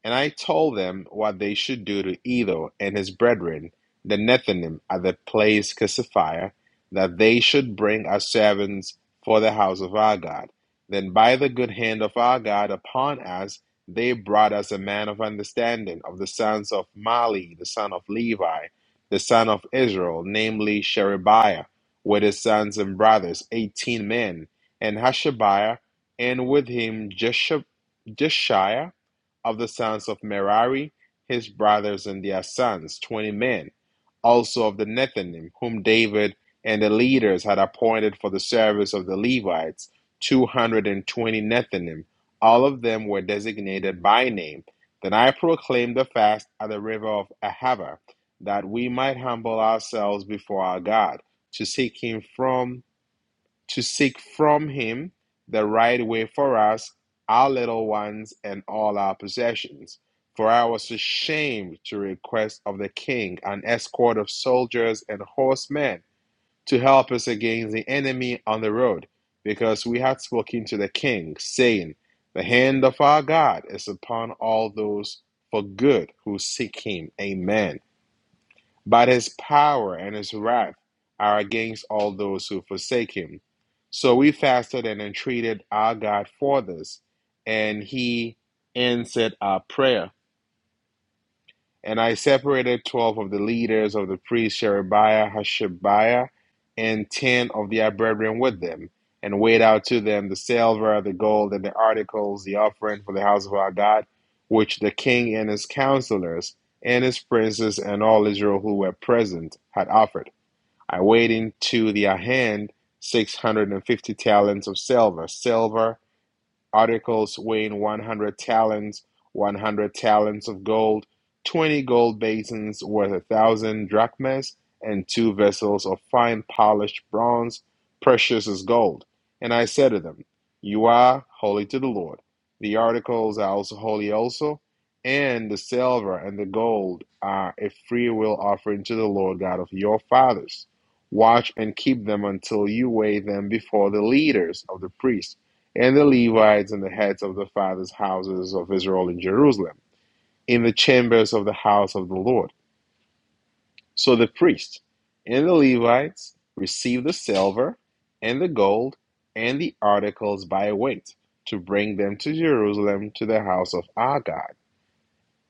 A: and I told them what they should do to Etho and his brethren, the Nethinim, at the place Cassiphia, that they should bring us servants for the house of our God. Then by the good hand of our God upon us, they brought us a man of understanding of the sons of Mali, the son of Levi, the son of Israel, namely Sherebiah, with his sons and brothers, eighteen men, and Hashabiah, and with him Jeshab- Jeshiah of the sons of Merari, his brothers and their sons, twenty men, also of the Nethinim, whom David and the leaders had appointed for the service of the Levites, two hundred and twenty Nethinim. All of them were designated by name. Then I proclaimed the fast at the river of Ahava, that we might humble ourselves before our God, to seek him from to seek from him the right way for us, our little ones, and all our possessions. For I was ashamed to request of the king an escort of soldiers and horsemen to help us against the enemy on the road, because we had spoken to the king, saying, The hand of our God is upon all those for good who seek him. Amen. But his power and his wrath are against all those who forsake him. So we fasted and entreated our God for this, and he answered our prayer. And I separated 12 of the leaders of the priests, Sherebiah, Hashabiah, and 10 of their brethren with them, and weighed out to them the silver, the gold, and the articles, the offering for the house of our God, which the king and his counselors, and his princes, and all Israel who were present had offered. I weighed into their hand 650 talents of silver, silver articles weighing 100 talents, 100 talents of gold, 20 gold basins worth a thousand drachmas, and two vessels of fine polished bronze, precious as gold. And I said to them, You are holy to the Lord. The articles are also holy, also, and the silver and the gold are a freewill offering to the Lord God of your fathers. Watch and keep them until you weigh them before the leaders of the priests and the Levites and the heads of the fathers' houses of Israel in Jerusalem, in the chambers of the house of the Lord. So the priests and the Levites received the silver and the gold and the articles by weight to bring them to Jerusalem to the house of our God.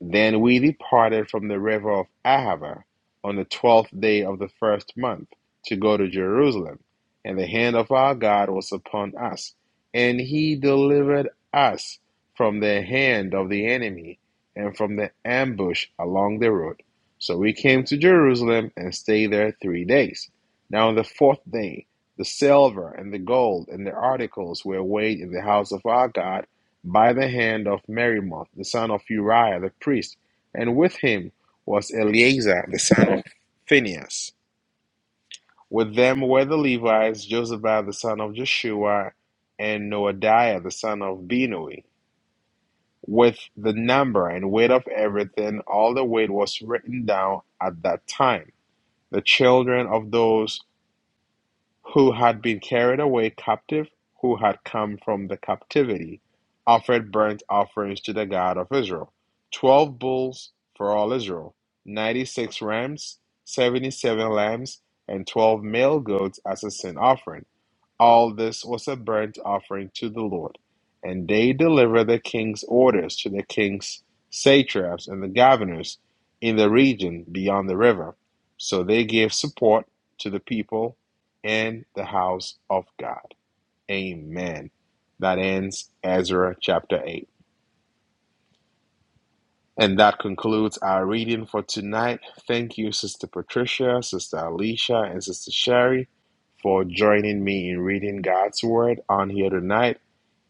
A: Then we departed from the river of Ahava on the twelfth day of the first month to go to Jerusalem. And the hand of our God was upon us, and he delivered us from the hand of the enemy and from the ambush along the road. So we came to Jerusalem and stayed there three days. Now on the fourth day, the silver and the gold and the articles were weighed in the house of our God by the hand of Merimoth, the son of Uriah the priest, and with him was Eleazar, the son of Phinehas. With them were the Levites, Josabad the son of Joshua, and Noadiah the son of Binui. With the number and weight of everything, all the weight was written down at that time. The children of those who had been carried away captive, who had come from the captivity, offered burnt offerings to the God of Israel 12 bulls for all Israel, 96 rams, 77 lambs, and 12 male goats as a sin offering. All this was a burnt offering to the Lord. And they delivered the king's orders to the king's satraps and the governors in the region beyond the river. So they gave support to the people and the house of God. Amen. That ends Ezra chapter 8. And that concludes our reading for tonight. Thank you, Sister Patricia, Sister Alicia, and Sister Sherry for joining me in reading God's Word on here tonight.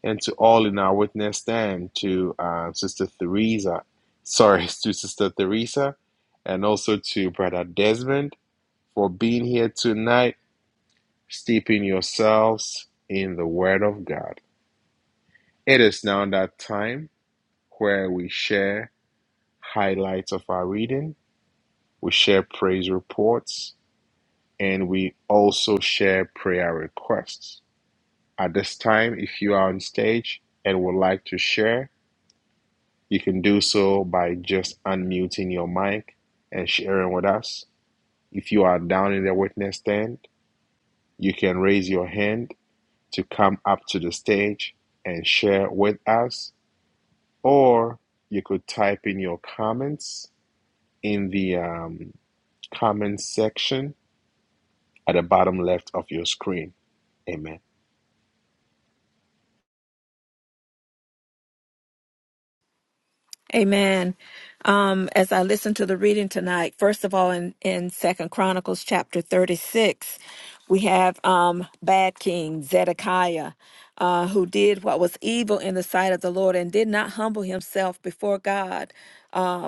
A: and to all in our witness stand, to uh, Sister Theresa, sorry, [laughs] to Sister Theresa, and also to Brother Desmond for being here tonight, steeping yourselves in the Word of God. It is now that time where we share highlights of our reading, we share praise reports, and we also share prayer requests. At this time, if you are on stage and would like to share, You can do so by just unmuting your mic and sharing with us. If you are down in the witness stand, you can raise your hand to come up to the stage and share with us, or you could type in your comments in the um, comments section at the bottom left of your screen. Amen.
B: Amen. Um, as I listen to the reading tonight, first of all, in, in Second Chronicles chapter 36, we have um, bad king Zedekiah, uh, who did what was evil in the sight of the Lord and did not humble himself before God. um,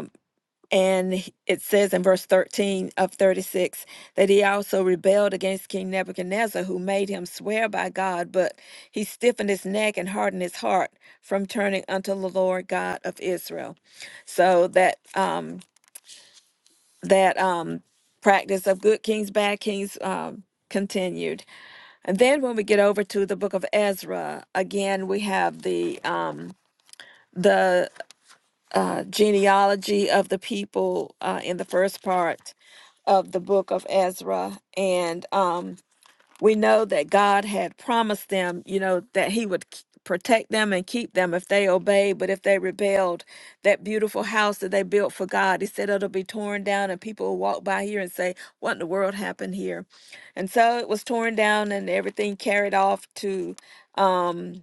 B: and it says in verse 13 of 36 that he also rebelled against King Nebuchadnezzar, who made him swear by God, but he stiffened his neck and hardened his heart from turning unto the Lord God of Israel. So that um, that um, practice of good kings, bad kings um, continued. And then when we get over to the book of Ezra, again we have the um, the uh, genealogy of the people uh, in the first part of the book of Ezra. And um, we know that God had promised them, you know, that He would k- protect them and keep them if they obeyed. But if they rebelled, that beautiful house that they built for God, He said it'll be torn down, and people will walk by here and say, What in the world happened here? And so it was torn down and everything carried off to. Um,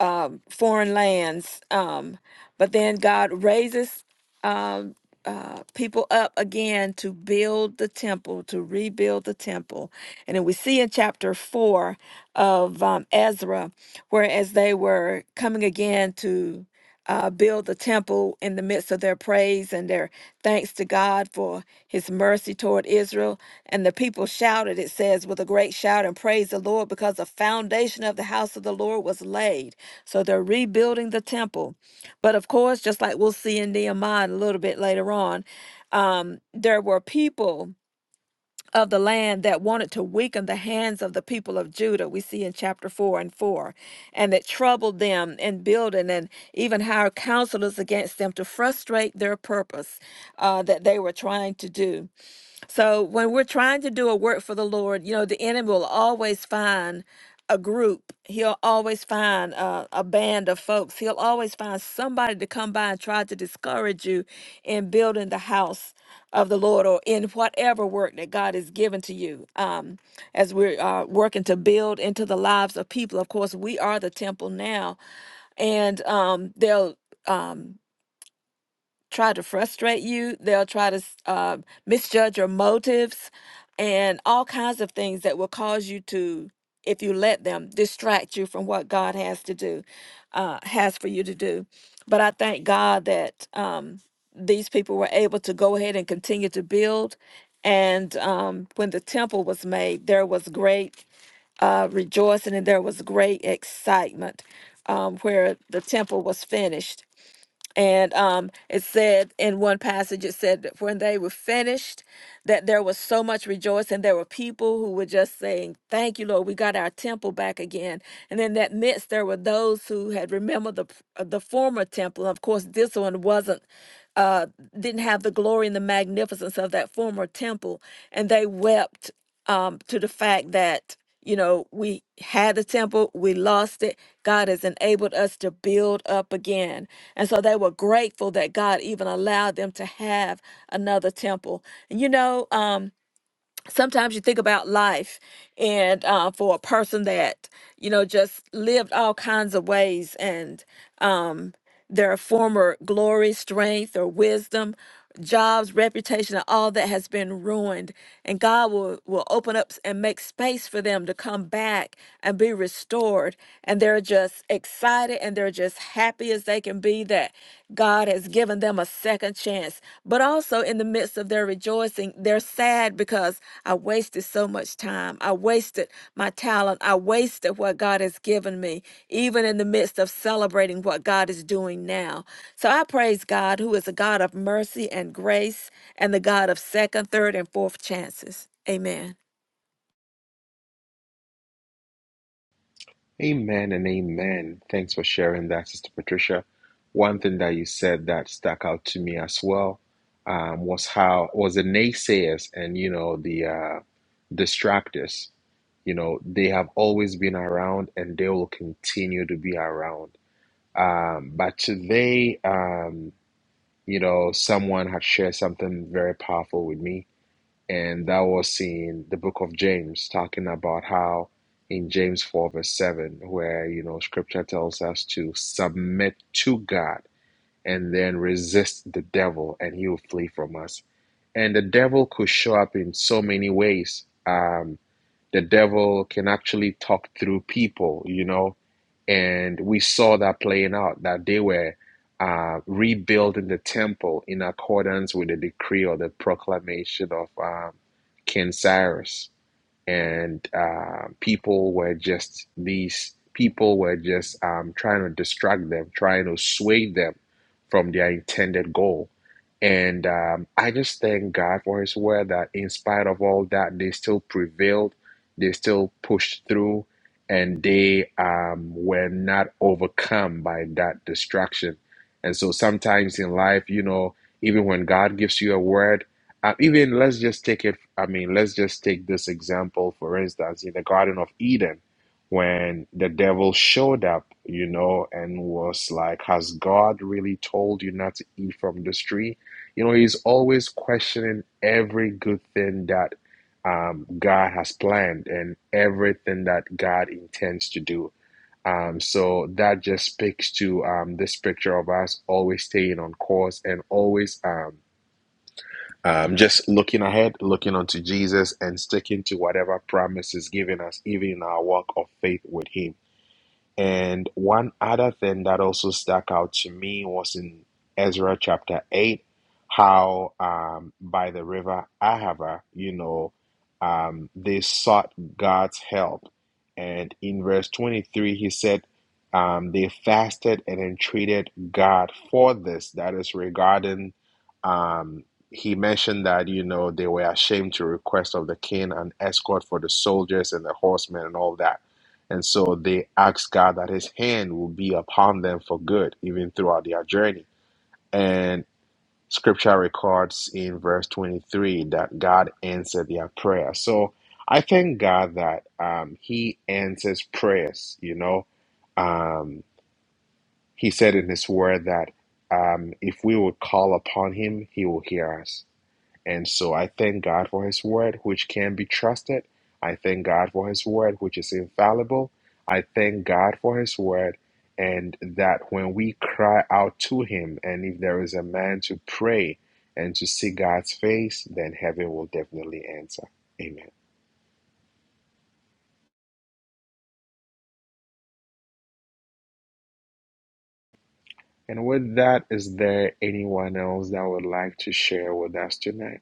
B: um, foreign lands. Um, but then God raises um, uh, people up again to build the temple, to rebuild the temple. And then we see in chapter 4 of um, Ezra, where as they were coming again to uh, build the temple in the midst of their praise and their thanks to God for his mercy toward Israel. And the people shouted, it says, with a great shout and praise the Lord because the foundation of the house of the Lord was laid. So they're rebuilding the temple. But of course, just like we'll see in Nehemiah a little bit later on, um, there were people of the land that wanted to weaken the hands of the people of Judah, we see in chapter 4 and 4, and that troubled them in building and even hired counselors against them to frustrate their purpose uh, that they were trying to do. So when we're trying to do a work for the Lord, you know, the enemy will always find a group. He'll always find a, a band of folks. He'll always find somebody to come by and try to discourage you in building the house of the Lord or in whatever work that God has given to you. Um, as we're uh, working to build into the lives of people, of course, we are the temple now, and um, they'll. Um, try to frustrate you. They'll try to uh, misjudge your motives and all kinds of things that will cause you to, if you let them, distract you from what God has to do, uh, has for you to do. But I thank God that um, these people were able to go ahead and continue to build. And um, when the temple was made, there was great uh, rejoicing and there was great excitement um, where the temple was finished and um, it said in one passage, it said that when they were finished, that there was so much rejoicing. There were people who were just saying, Thank you, Lord, we got our temple back again. And in that midst, there were those who had remembered the, uh, the former temple. Of course, this one wasn't. Uh, didn't have the glory and the magnificence of that former temple, and they wept um, to the fact that you know, we had the temple, we lost it. God has enabled us to build up again. And so they were grateful that God even allowed them to have another temple. And you know, um, sometimes you think about life and uh, for a person that you know just lived all kinds of ways and um, their former glory strength or wisdom jobs reputation and all that has been ruined and god will will open up and make space for them to come back and be restored and they're just excited and they're just happy as they can be that god has given them a second chance but also so, in the midst of their rejoicing, they're sad because I wasted so much time. I wasted my talent. I wasted what God has given me, even in the midst of celebrating what God is doing now. So, I praise God, who is a God of mercy and grace and the God of second, third, and fourth chances. Amen.
A: Amen and amen. Thanks for sharing that, Sister Patricia. One thing that you said that stuck out to me as well um, was how was the naysayers and you know the uh, distractors. You know they have always been around and they will continue to be around. Um, but today, um, you know, someone had shared something very powerful with me and that was in the book of James, talking about how in James 4, verse 7, where you know scripture tells us to submit to God and then resist the devil, and he will flee from us. And the devil could show up in so many ways. Um, the devil can actually talk through people, you know and we saw that playing out, that they were uh, rebuilding the temple in accordance with the decree or the proclamation of um, King Cyrus and uh, people were just these people were just um, trying to distract them, trying to sway them from their intended goal. And um, I just thank God for His word that, in spite of all that, they still prevailed, they still pushed through, and they um, were not overcome by that distraction. And so, sometimes in life, you know, even when God gives you a word, uh, even let's just take it, I mean, let's just take this example, for instance, in the Garden of Eden, when the devil showed up, you know, and was like, Has God really told you not to eat from this tree? You know, he's always questioning every good thing that um, God has planned and everything that God intends to do. Um, so that just speaks to um, this picture of us always staying on course and always. Um, um, just looking ahead, looking unto Jesus, and sticking to whatever promise is given us, even in our walk of faith with Him. And one other thing that also stuck out to me was in Ezra chapter 8, how um, by the river Ahava, you know, um, they sought God's help. And in verse 23, he said, um, they fasted and entreated God for this. That is regarding, um, he mentioned that, you know, they were ashamed to request of the king an escort for the soldiers and the horsemen and all that. And so they ask God that his hand will be upon them for good, even throughout their journey. And scripture records in verse 23 that God answered their prayer. So I thank God that um, he answers prayers, you know. Um, he said in his word that um, if we would call upon him, he will hear us. And so I thank God for His word, which can be trusted. I thank God for His word, which is infallible. I thank God for His word, and that when we cry out to Him, and if there is a man to pray and to see God's face, then heaven will definitely answer. Amen. And with that, is there anyone else that would like to share with us tonight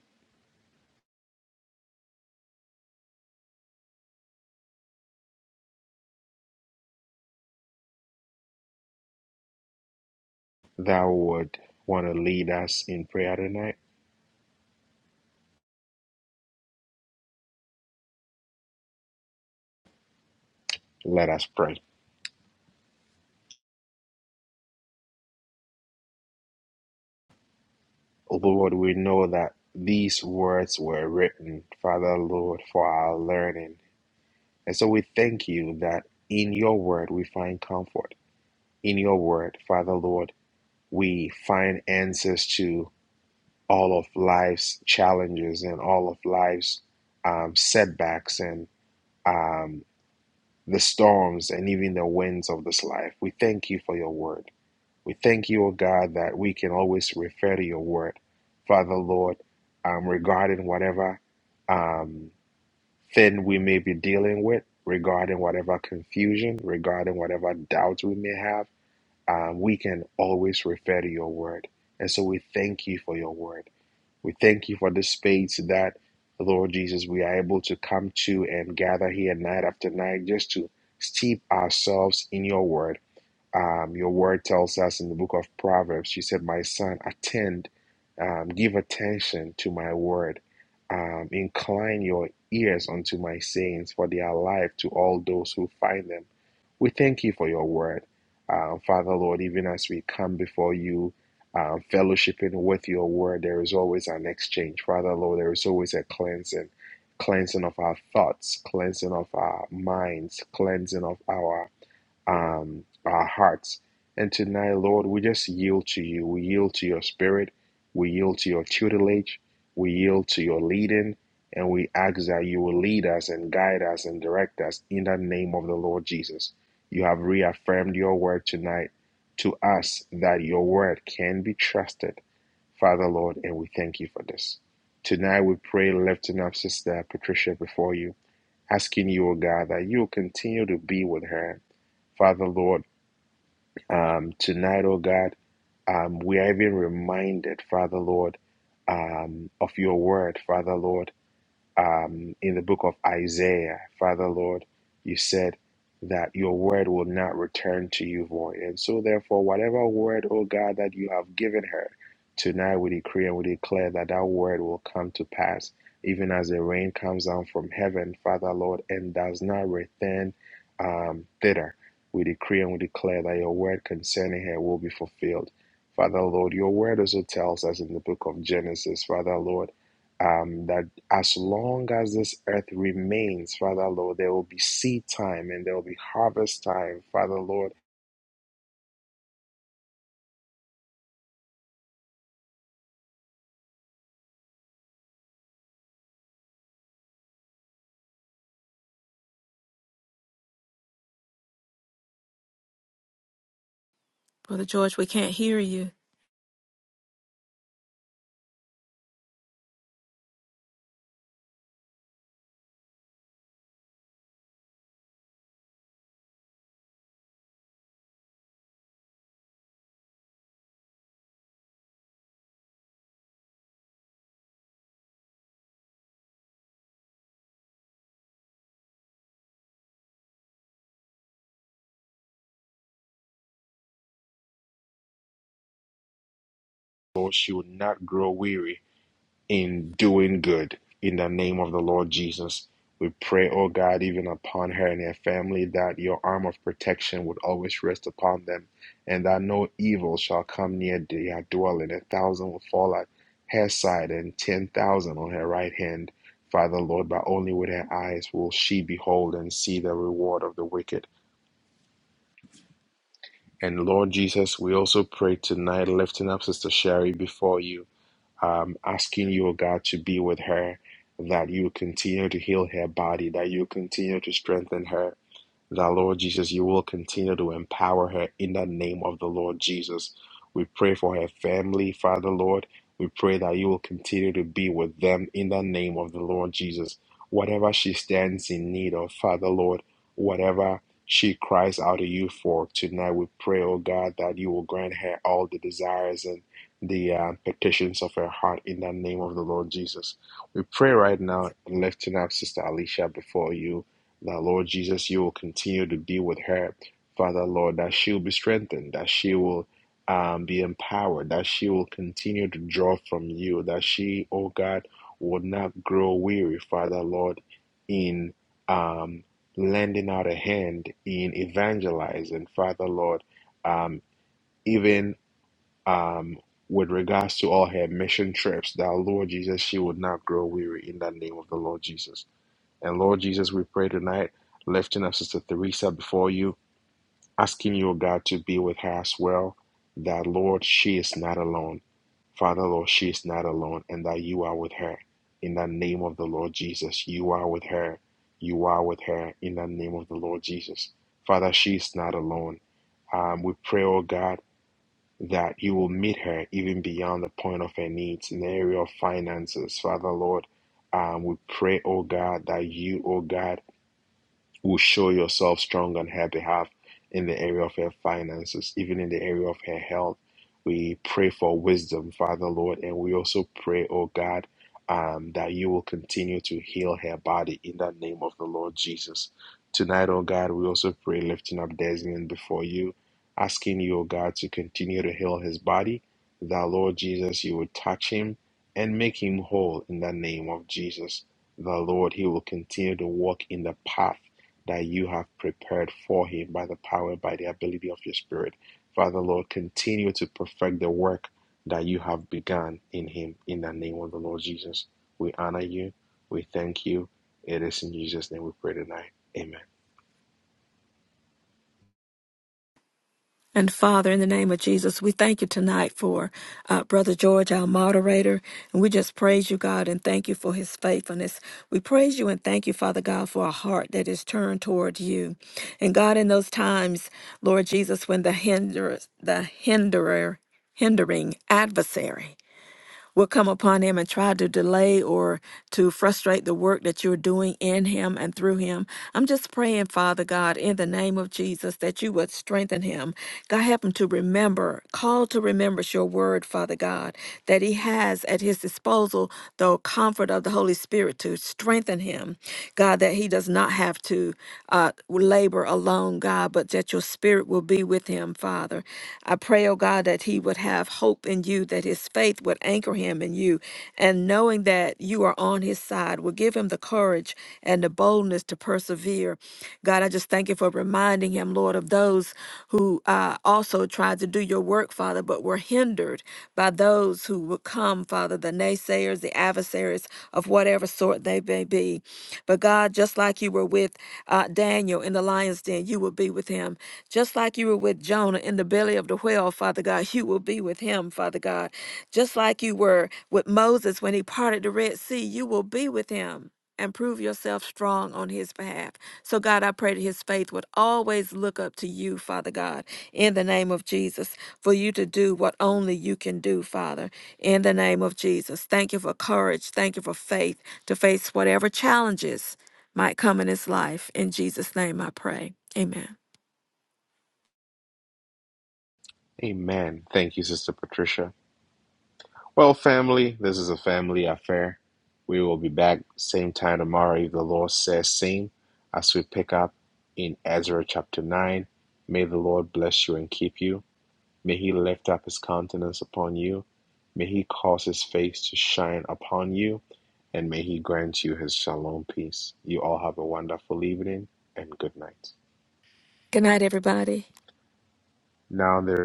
A: that would want to lead us in prayer tonight? Let us pray. Oh, Lord, we know that these words were written, Father, Lord, for our learning. And so we thank you that in your word we find comfort. In your word, Father, Lord, we find answers to all of life's challenges and all of life's um, setbacks and um, the storms and even the winds of this life. We thank you for your word. We thank you, O God, that we can always refer to your word. Father, Lord, um, regarding whatever um, thing we may be dealing with, regarding whatever confusion, regarding whatever doubts we may have, um, we can always refer to your word. And so we thank you for your word. We thank you for this space that, Lord Jesus, we are able to come to and gather here night after night just to steep ourselves in your word um, your word tells us in the book of Proverbs, you said, My son, attend, um, give attention to my word. Um, incline your ears unto my sayings, for they are life to all those who find them. We thank you for your word. Uh, Father, Lord, even as we come before you, uh, fellowshipping with your word, there is always an exchange. Father, Lord, there is always a cleansing, cleansing of our thoughts, cleansing of our minds, cleansing of our um, our hearts. And tonight, Lord, we just yield to you. We yield to your spirit. We yield to your tutelage. We yield to your leading. And we ask that you will lead us and guide us and direct us in the name of the Lord Jesus. You have reaffirmed your word tonight to us that your word can be trusted, Father, Lord, and we thank you for this. Tonight, we pray, lifting up Sister Patricia before you asking you, O God, that you will continue to be with her Father Lord, um, tonight, oh God, um, we are even reminded, Father Lord, um, of your word, Father Lord um, in the book of Isaiah, Father Lord, you said that your word will not return to you void. And so, therefore, whatever word, oh God, that you have given her, tonight we decree and we declare that that word will come to pass, even as the rain comes down from heaven, Father Lord, and does not return um, thither. We decree and we declare that your word concerning her will be fulfilled. Father Lord, your word also tells us in the book of Genesis, Father Lord, um, that as long as this earth remains, Father Lord, there will be seed time and there will be harvest time, Father Lord.
B: Brother George, we can't hear you.
A: Lord, she will not grow weary. in doing good. In the name of the Lord Jesus, we pray, O God, even upon her and her family, that your arm of protection would always rest upon them, and that no evil shall come near their dwelling. A thousand will fall at her side, and ten thousand on her right hand. Father, Lord, but only with her eyes will she behold and see the reward of the wicked. And Lord Jesus, we also pray tonight, lifting up Sister Sherry before you um, asking you, oh God, to be with her, that you continue to heal her body, that you continue to strengthen her, that Lord Jesus, you will continue to empower her in the name of the Lord Jesus. We pray for her family, Father Lord. We pray that you will continue to be with them in the name of the Lord Jesus. Whatever she stands in need of, Father Lord, whatever she cries out to you for tonight, we pray, oh God, that you will grant her all the desires and the uh, petitions of her heart in the name of the Lord Jesus. We pray right now, lifting up Sister Alicia before you. Now, Lord Jesus, you will continue to be with her, Father, Lord, that she will be strengthened, that she will um, be empowered, that she will continue to draw from you, that she, oh God, will not grow weary, Father, Lord, in um, lending out a hand in evangelizing, Father, Lord, um, even um, with regards to all her mission trips, that, Lord Jesus, she would not grow weary in the name of the Lord Jesus. And Lord Jesus, we pray tonight, lifting up Sister Theresa before you, asking you, O God, to be with her as well, that, Lord, she is not alone. Father, Lord, she is not alone, and that you are with her. In the name of the Lord Jesus, you are with her. You are with her in the name of the Lord Jesus. Father, she is not alone. Um, we pray, oh God, that you will meet her even beyond the point of her needs in the area of finances. Father, Lord, um, we pray, oh God, that you, oh God, will show yourself strong on her behalf in the area of her finances, even in the area of her health. We pray for wisdom, Father Lord, and we also pray, oh God, um, that you will continue to heal her body in the name of the Lord Jesus. Tonight, oh God, we also pray, lifting up Desmond before you, asking you, oh God, to continue to heal his body, that Lord Jesus, you would touch him and make him whole in the name of Jesus. The Lord, he will continue to walk in the path that you have prepared for him by the power, by the ability of your spirit. Father, Lord, continue to perfect the work that you have begun in him in the name of the Lord Jesus. We honor you. We thank you. It is in Jesus' name we pray tonight. Amen.
B: And Father, in the name of Jesus, we thank you tonight for uh, Brother George, our moderator. And we just praise you, God, and thank you for his faithfulness. We praise you and thank you, Father God, for a heart that is turned toward you. And God, in those times, Lord Jesus, when the hinderer, the hinderer, hindering adversary will come upon him and try to delay or to frustrate the work that you're doing in him and through him. I'm just praying, Father God, in the name of Jesus, that you would strengthen him. God, help him to remember, call to remembrance your word, Father God, that he has at his disposal the comfort of the Holy Spirit to strengthen him. God, that he does not have to uh, labor alone, God, but that your spirit will be with him, Father. I pray, oh God, that he would have have hope in you, that his faith would anchor him in you. And knowing that you are on his side will give him the courage and the boldness to persevere. God, I just thank you for reminding him, Lord, of those who uh, also tried to do your work, Father, but were hindered by those who would come, Father, the naysayers, the adversaries of whatever sort they may be. But God, just like you were with uh, Daniel in the lion's den, you will be with him. Just like you were with Jonah in in the belly of the whale, Father God, you will be with him, Father God. Just like you were with Moses when he parted the Red Sea, you will be with him and prove yourself strong on his behalf. So, God, I pray that his faith would always look up to you, Father God, in the name of Jesus, for you to do what only you can do, Father, in the name of Jesus. Thank you for courage. Thank you for faith to face whatever challenges might come in his life. In Jesus' name, I pray. Amen.
A: Amen. Thank you, Sister Patricia. Well, family, this is a family affair. We will be back same time tomorrow if the Lord says same as we pick up in Ezra chapter 9. May the Lord bless you and keep you. May he lift up his countenance upon you. May he cause his face to shine upon you. And may he grant you his shalom peace. You all have a wonderful evening and good night.
B: Good night, everybody.
A: Now there